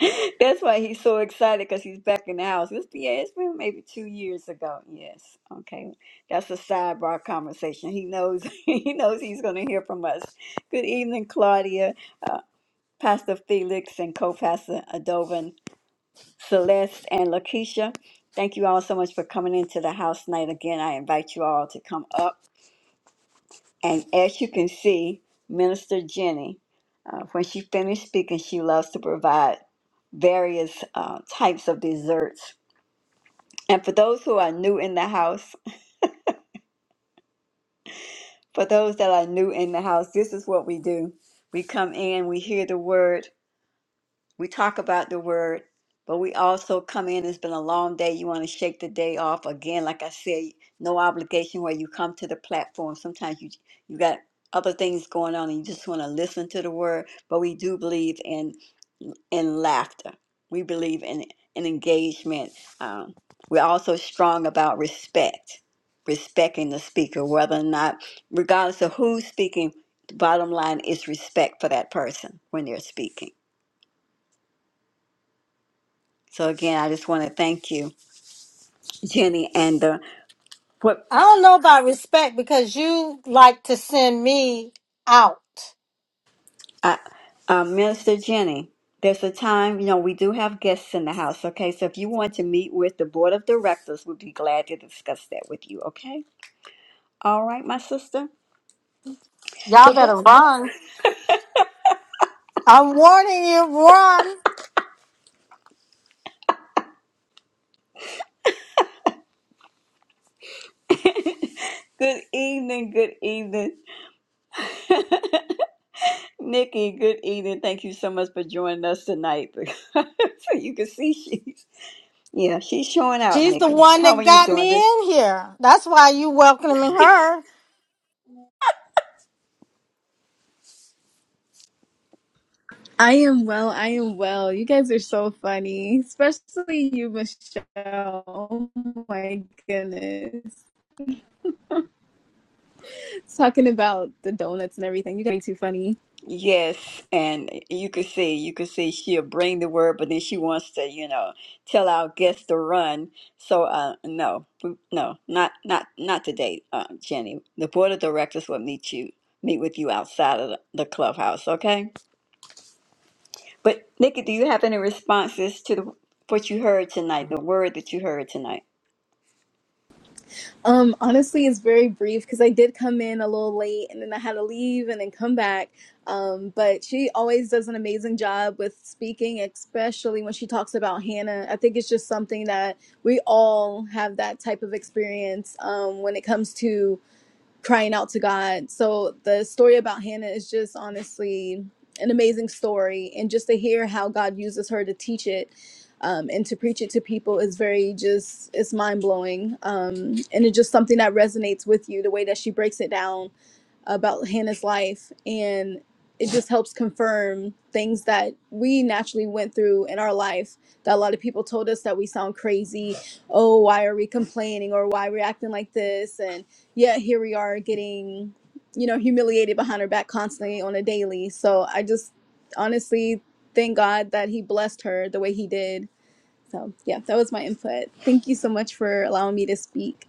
S1: [LAUGHS] That's why he's so excited because he's back in the house. It's, yeah, it's been maybe two years ago. Yes. Okay. That's a sidebar conversation. He knows [LAUGHS] he knows he's going to hear from us. Good evening, Claudia, uh, Pastor Felix, and co-pastor Adovan, Celeste, and Lakeisha. Thank you all so much for coming into the house tonight. Again, I invite you all to come up. And as you can see, Minister Jenny, uh, when she finished speaking, she loves to provide various uh, types of desserts. And for those who are new in the house, for those that are new in the house, this is what we do. We come in, we hear the word, we talk about the word, but we also come in. It's been a long day. You want to shake the day off again. Like I said, no obligation where you come to the platform. Sometimes you you got other things going on, and you just want to listen to the word. But we do believe in in laughter. We believe in in engagement. Um, we're also strong about respect, respecting the speaker, whether or not, regardless of who's speaking. The bottom line is respect for that person when they're speaking. So again, I just want to thank you, [LAUGHS] Jenny, and the what
S2: I don't know about respect because you like to send me out.
S1: uh, uh, Minister Jenny. There's a time, you know, we do have guests in the house. Okay, so if you want to meet with the board of directors, we'd be glad to discuss that with you. Okay, all right, my sister.
S2: Y'all
S1: So go.
S2: better run. I'm warning you, run.
S1: [LAUGHS] good evening, good evening, [LAUGHS] Nikki. Good evening. Thank you so much for joining us tonight. [LAUGHS] so you can see she's yeah, she's showing out,
S2: She's the
S1: Nikki.
S2: one
S1: How are
S2: that
S1: you
S2: got me
S1: doing
S2: in here. That's why you welcoming her.
S4: I am well. I am well. You guys are so funny, especially you, Michelle. Oh my goodness. Talking about the donuts and everything. You guys are too funny.
S1: Yes, and you could see, you could see she'll bring the word, but then she wants to, you know, tell our guests to run. So, uh, no, no, not, not, not today, uh, Jenny. The board of directors will meet you, meet with you outside of the, the clubhouse, okay? But Nikki, do you have any responses to the, what you heard tonight, the word that you heard tonight?
S4: Um, honestly, it's very brief because I did come in a little late and then I had to leave and then come back. Um, but she always does an amazing job with speaking, especially when she talks about Hannah. I think it's just something that we all have that type of experience um, when it comes to crying out to God. So the story about Hannah is just honestly an amazing story, and just to hear how God uses her to teach it um, and to preach it to people is very just it's mind blowing, um, and it's just something that resonates with you the way that she breaks it down about Hannah's life and it just helps confirm things that we naturally went through in our life that a lot of people told us that we sound crazy oh why are we complaining or why are we acting like this and yet here we are getting you know humiliated behind our back constantly on a daily so i just honestly thank god that he blessed her the way he did so yeah that was my input thank you so much for allowing me to speak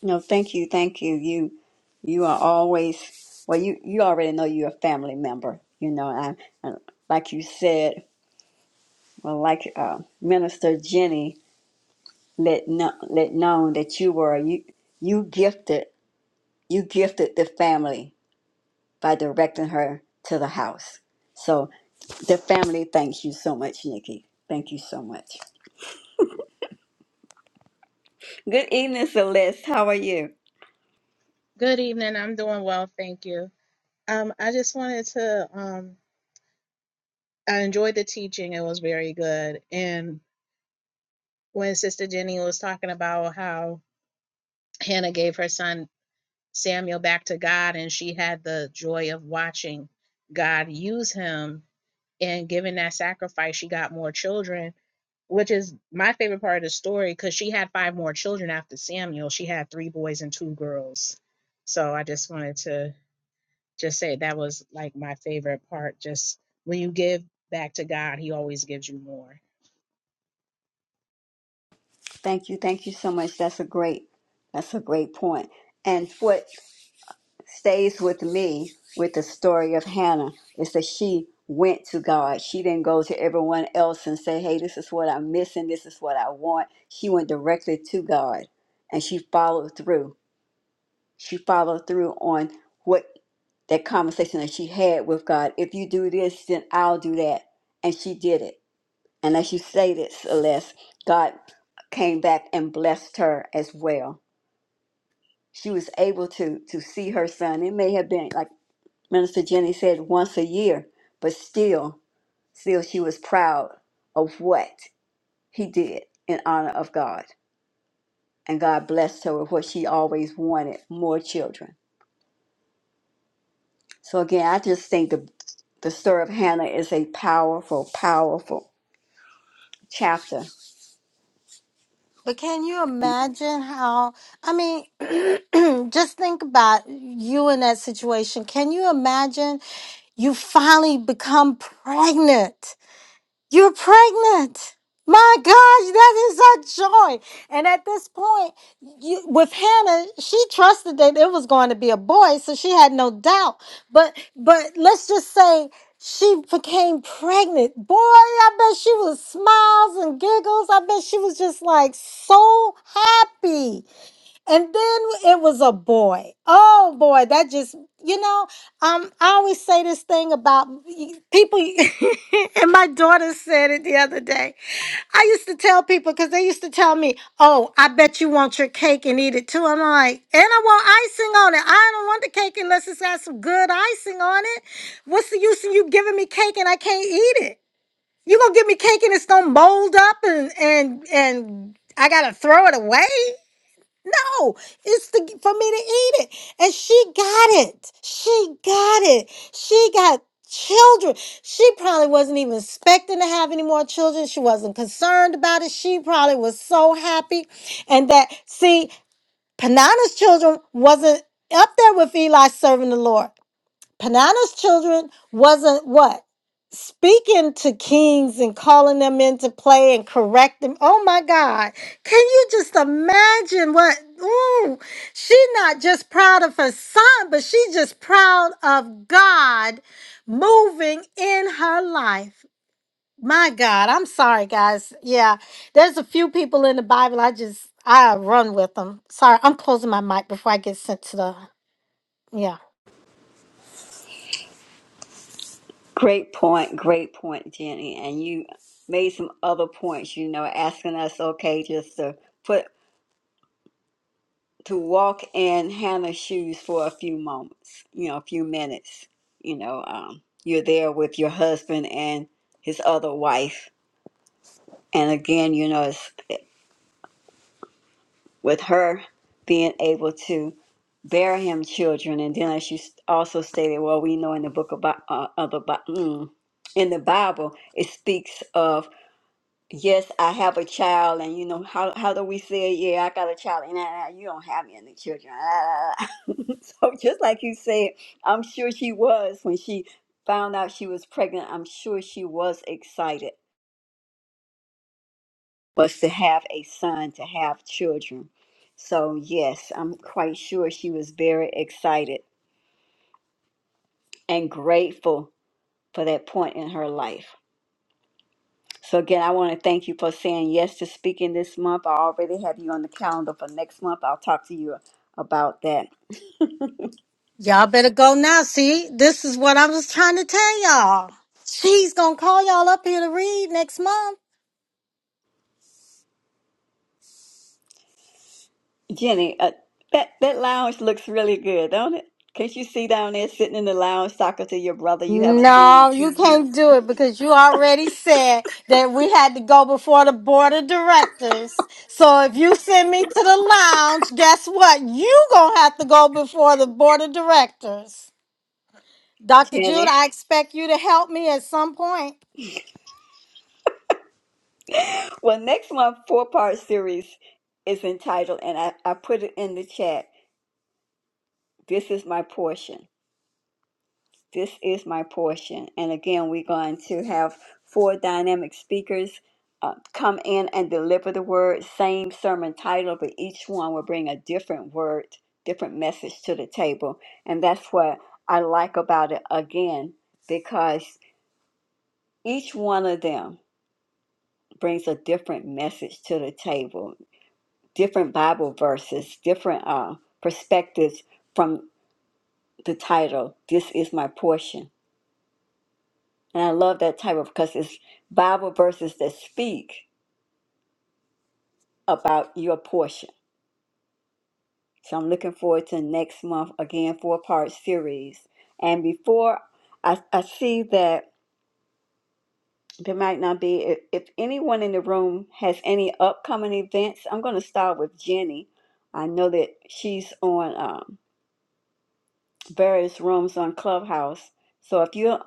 S1: No, thank you, thank you. You, you are always, well, you, you already know you're a family member, you know, I, I like you said. Well, like uh, Minister Jenny let know, let known that you were you you gifted you gifted the family by directing her to the house. So the family thanks you so much, Nikki. Thank you so much. Good evening, Celeste. How are you?
S5: Good evening. I'm doing well, thank you. Um, I just wanted to um I enjoyed the teaching. It was very good. And when Sister Jenny was talking about how Hannah gave her son Samuel back to God and she had the joy of watching God use him and giving that sacrifice, she got more children, which is my favorite part of the story because she had five more children after Samuel. She had three boys and two girls. So I just wanted to just say that was like my favorite part. Just when you give back to God, He always gives you more.
S1: Thank you, thank you so much. That's a great that's a great point. And what stays with me with the story of Hannah is that she went to God. She didn't go to everyone else and say, hey, this is what I'm missing. This is what I want. She went directly to God and she followed through. She followed through on what that conversation that she had with God. If you do this, then I'll do that. And she did it. And as you say this, Celeste, God came back and blessed her as well. She was able to to see her son. It may have been like Minister Jenny said once a year, but still, still she was proud of what he did in honor of God. And God blessed her with what she always wanted, more children. So again, I just think the the story of Hannah is a powerful, powerful chapter.
S2: But can you imagine how? I mean, [CLEARS THROAT] just think about you in that situation. Can you imagine you finally become pregnant? You're pregnant. My gosh, that is a joy. And at this point, you, with Hannah, she trusted that it was going to be a boy, so she had no doubt. But but let's just say she became pregnant. Boy, I bet she was smiles and giggles. I bet she was just like so happy. And then it was a boy. Oh boy, that just you know, um, I always say this thing about y- people, [LAUGHS] and my daughter said it the other day. I used to tell people because they used to tell me, "Oh, I bet you want your cake and eat it too." I'm like, "And I want icing on it. I don't want the cake unless it's got some good icing on it. What's the use in you giving me cake and I can't eat it? You gonna give me cake and it's gonna mold up and and and I gotta throw it away? No, it's to, for me to eat it. And she got it. She got it. She got children. She probably wasn't even expecting to have any more children. She wasn't concerned about it. She probably was so happy. And that, see, Panana's children wasn't up there with Eli serving the Lord. Panana's children wasn't what? Speaking to kings and calling them into play and correct them. Oh my God. Can you just imagine what? Ooh, she's not just proud of her son, but she's just proud of God moving in her life. My God. I'm sorry, guys. Yeah, there's a few people in the Bible. I just, I run with them. Sorry, I'm closing my mic before I get sent to the, yeah.
S1: Great point, great point, Jenny. And you made some other points, you know, asking us, okay, just to put to walk in Hannah's shoes for a few moments, you know, a few minutes. You know, um, you're there with your husband and his other wife. And again, you know, it's with her being able to bear him children. And then, as you s- also stated, well, we know in the book about uh, of the Bi- mm, in the Bible, it speaks of yes, I have a child, and you know how how do we say, yeah, I got a child, and uh, you don't have any children. Ah. [LAUGHS] so just like you said, I'm sure she was when she found out she was pregnant. I'm sure she was excited, was to have a son, to have children. So yes, I'm quite sure she was very excited and grateful for that point in her life. So again, I want to thank you for saying yes to speaking this month. I already have you on the calendar for next month. I'll talk to you about that.
S2: Y'all better go now. See, this is what I was trying to tell y'all. She's gonna call y'all up here to read next month.
S1: Jenny, uh, that that lounge looks really good, don't it? Can't you see down there sitting in the lounge talking to your brother you haven't seen in
S2: No,
S1: two
S2: you
S1: years,
S2: can't do it because you already said that we had to go before the board of directors. So if you send me to the lounge, guess what? You gonna have to go before the board of directors. Dr. Jude,
S1: Jenny?
S2: I expect you to help me at some point.
S1: Well, next month four part series is entitled, and I, I put it in the chat. This is my portion. This is my portion. And again, we're going to have four dynamic speakers uh, come in and deliver the word, same sermon title, but each one will bring a different word, different message to the table. And that's what I like about it again, because each one of them brings a different message to the table, different Bible verses, different uh, perspectives from the title, This is My Portion. And I love that title because it's Bible verses that speak about your portion. So I'm looking forward to next month again, four part series. And before I, I see that there might not be, if, if anyone in the room has any upcoming events, I'm going to start with Jenny. I know that she's on um, various rooms on Clubhouse. So if you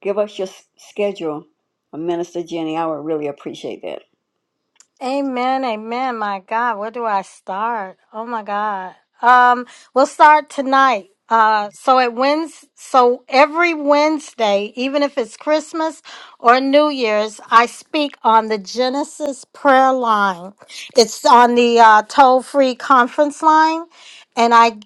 S1: give us your s- schedule, uh, Minister Jenny, I would really appreciate that.
S2: Amen, amen. My God, where do I start? Oh my God. Um, we'll start tonight. Uh, so it wins. So every Wednesday, even if it's Christmas or New Year's, I speak on the Genesis prayer line. It's on the uh, toll-free conference line, and I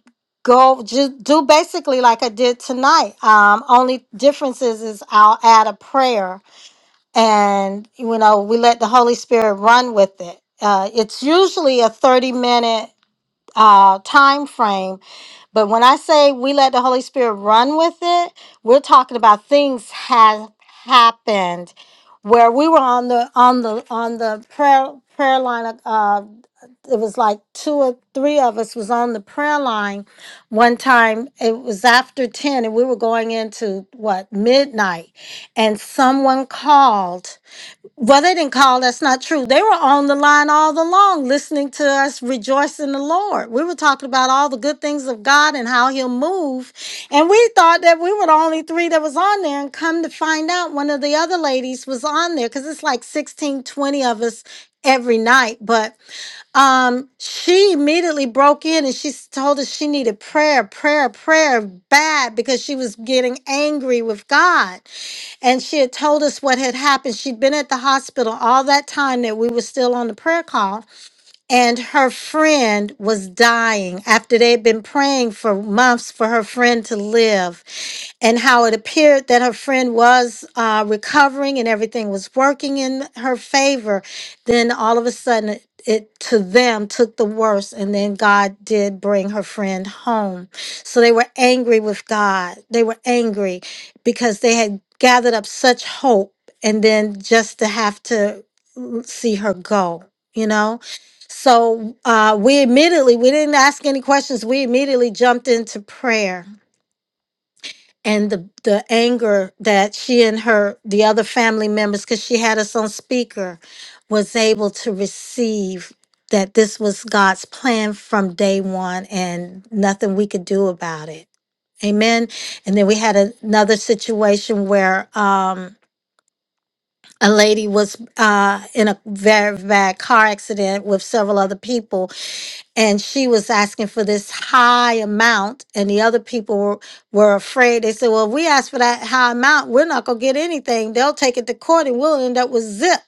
S2: go just do basically like I did tonight. Um, only difference is, is I'll add a prayer and you know we let the holy spirit run with it uh, it's usually a 30 minute uh, time frame but when i say we let the holy spirit run with it we're talking about things have happened where we were on the on the on the prayer prayer line uh it was like two or three of us was on the prayer line one time it was after 10 and we were going into what midnight and someone called well, they didn't call. That's not true. They were on the line all along, listening to us rejoice in the Lord. We were talking about all the good things of God and how He'll move. And we thought that we were the only three that was on there. And come to find out, one of the other ladies was on there because it's like 16 20 of us every night. But um, she immediately broke in and she s- told us she needed prayer, prayer, prayer bad because she was getting angry with God. And she had told us what had happened. She'd been at the hospital all that time that we were still on the prayer call, and her friend was dying after they had been praying for months for her friend to live and how it appeared that her friend was uh, recovering and everything was working in her favor, then all of a sudden it, it to them took the worst, and then God did bring her friend home. So they were angry with God. They were angry because they had gathered up such hope, and then just to have to mm, see her go, you know. So uh, we immediately we didn't ask any questions. We immediately jumped into prayer and the the anger that she and her the other family members because she had us on speaker was able to receive that this was god's plan from day one and nothing we could do about it amen and then we had a- another situation where um a lady was uh, in a very bad car accident with several other people and she was asking for this high amount and the other people were, were afraid they said well if we ask for that high amount we're not going to get anything they'll take it to court and we'll end up with zip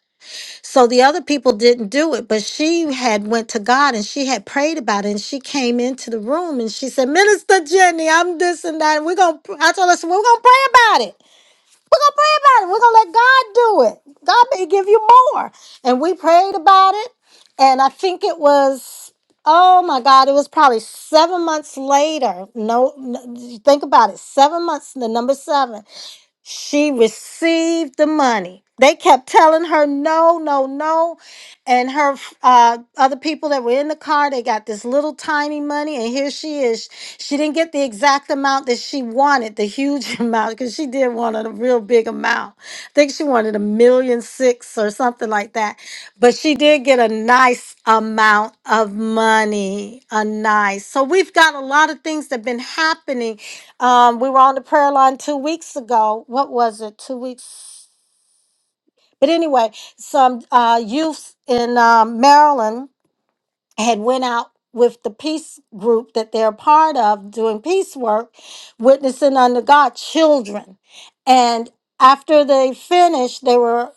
S2: so the other people didn't do it but she had went to god and she had prayed about it and she came into the room and she said minister jenny i'm this and that and we're going to i told her I said, well, we're going to pray about it we're gonna pray about it. We're gonna let God do it. God may give you more. And we prayed about it, and I think it was oh my God, it was probably seven months later. No, no think about it. Seven months, the number seven. She received the money. They kept telling her no, no, no. And her uh, other people that were in the car, they got this little tiny money. And here she is. She didn't get the exact amount that she wanted, the huge [LAUGHS] amount, because she did want a real big amount. I think she wanted a million six or something like that. But she did get a nice amount of money. A nice. So we've got a lot of things that have been happening um, we were on the prayer line two weeks ago. What was it? Two weeks. But anyway, some uh, youths in um, Maryland had went out with the peace group that they're part of doing peace work, witnessing unto God children. And after they finished, they were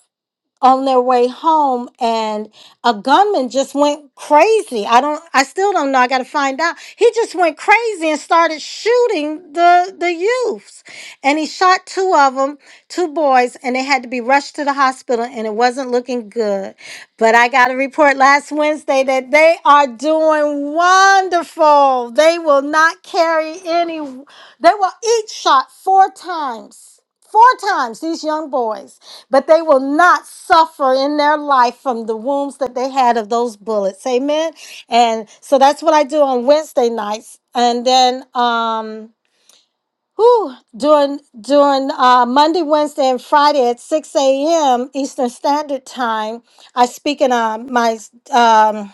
S2: on their way home and a gunman just went crazy. I don't I still don't know. I got to find out. He just went crazy and started shooting the the youths. And he shot two of them, two boys, and they had to be rushed to the hospital and it wasn't looking good. But I got a report last Wednesday that they are doing wonderful. They will not carry any they will each shot four times. Four times these young boys but they will not suffer in their life from the wounds that they had of those bullets. Amen. And so that's what I do on Wednesday nights. And then um whew, during during uh, Monday, Wednesday, and Friday at 6 a.m. Eastern Standard Time, I speak in uh, my um,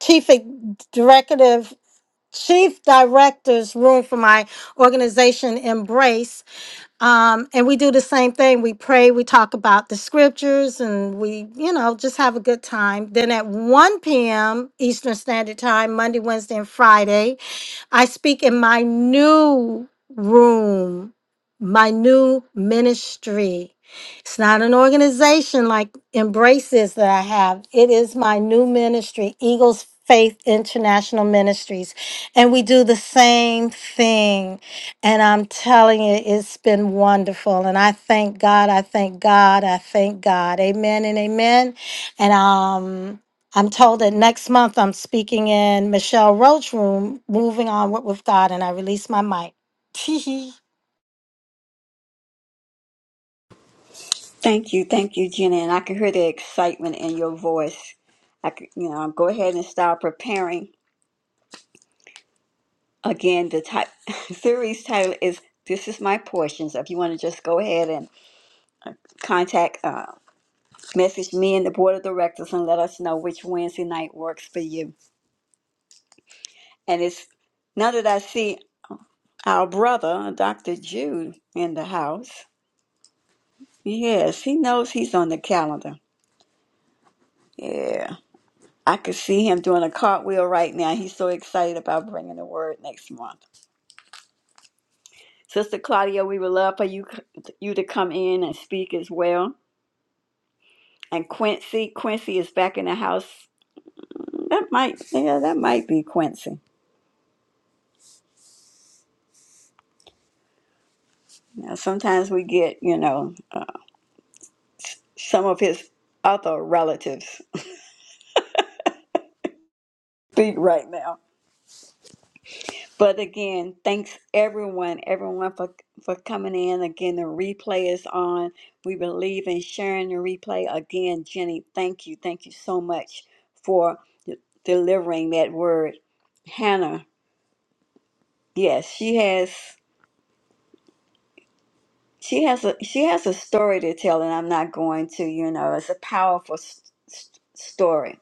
S2: chief ex- directive chief director's room for my organization Embrace um, and we do the same thing. We pray, we talk about the scriptures, and we, you know, just have a good time. Then at 1 p.m. Eastern Standard Time, Monday, Wednesday, and Friday, I speak in my new room, my new ministry. It's not an organization like Embraces that I have. It is my new ministry, Eagles Faith International Ministries. And we do the same thing. And I'm telling you, it's been wonderful. And I thank God. I thank God. I thank God. Amen and amen. And um I'm told that next month I'm speaking in Michelle Roach room, moving on with, with God, and I release my mic. [LAUGHS]
S1: Thank you, thank you, Gina, and I can hear the excitement in your voice. I could, you know, go ahead and start preparing. Again, the type, [LAUGHS] series title is "This Is My Portion." So, if you want to just go ahead and contact, uh, message me and the board of directors, and let us know which Wednesday night works for you. And it's now that I see our brother, Doctor Jude, in the house. Yes, he knows he's on the calendar. Yeah. I could see him doing a cartwheel right now. He's so excited about bringing the word next month. Sister Claudia, we would love for you you to come in and speak as well. And Quincy, Quincy is back in the house. That might, yeah, that might be Quincy. Now, sometimes we get, you know, uh, some of his other relatives [LAUGHS] speak right now. But again, thanks everyone, everyone for for coming in. Again, the replay is on. We believe in sharing the replay. Again, Jenny, thank you, thank you so much for de- delivering that word. Hannah, yes, she has she has a she has a story to tell, and I'm not going to. You know, it's a powerful s s- story.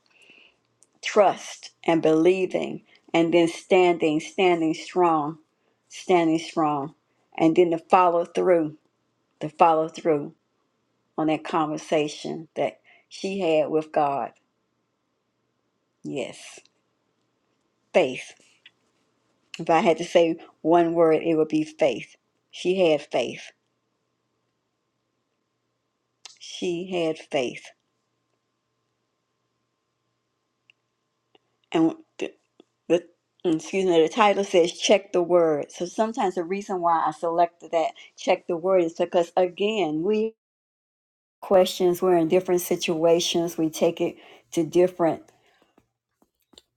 S1: Trust and believing, and then standing, standing strong, standing strong, and then to follow through To follow through on that conversation that she had with God. Yes, faith. If I had to say one word, it would be faith. She had faith. She had faith. And the, the excuse me, the title says check the word. So sometimes the reason why I selected that check the word is because again, we questions, we're in different situations, we take it to different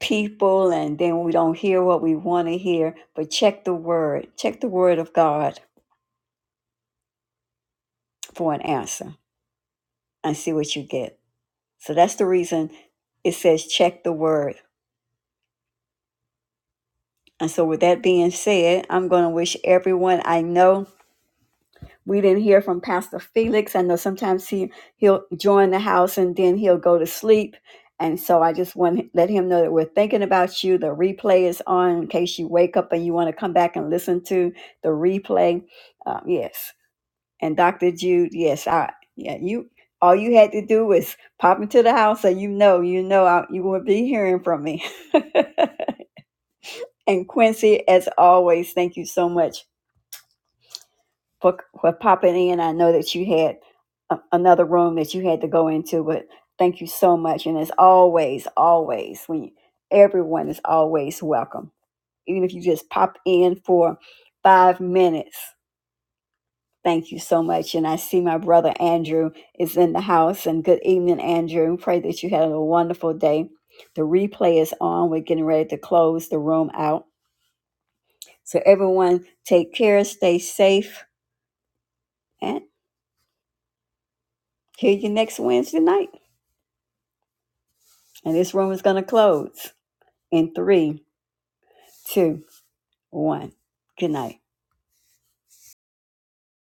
S1: people and then we don't hear what we want to hear. But check the word, check the word of God for an answer and see what you get. So that's the reason it says check the word. And so, with that being said, I'm going to wish everyone I know. We didn't hear from Pastor Felix. I know sometimes he, he'll join the house and then he'll go to sleep. And so I just want to let him know that we're thinking about you. The replay is on in case you wake up and you want to come back and listen to the replay. Um, yes. And Dr. Jude, yes, I yeah, you all you had to do was pop into the house so you know, you know I, you will be hearing from me. [LAUGHS] and Quincy, as always, thank you so much for for popping in. I know that you had a, another room that you had to go into, but thank you so much. And as always, always, when you, everyone is always welcome. Even if you just pop in for five minutes, Thank you so much. And I see my brother Andrew is in the house. And good evening, Andrew. Pray that you had a wonderful day. The replay is on. We're getting ready to close the room out. So, everyone, take care, stay safe, and hear you next Wednesday night. And this room is going to close in three, two, one. Good night.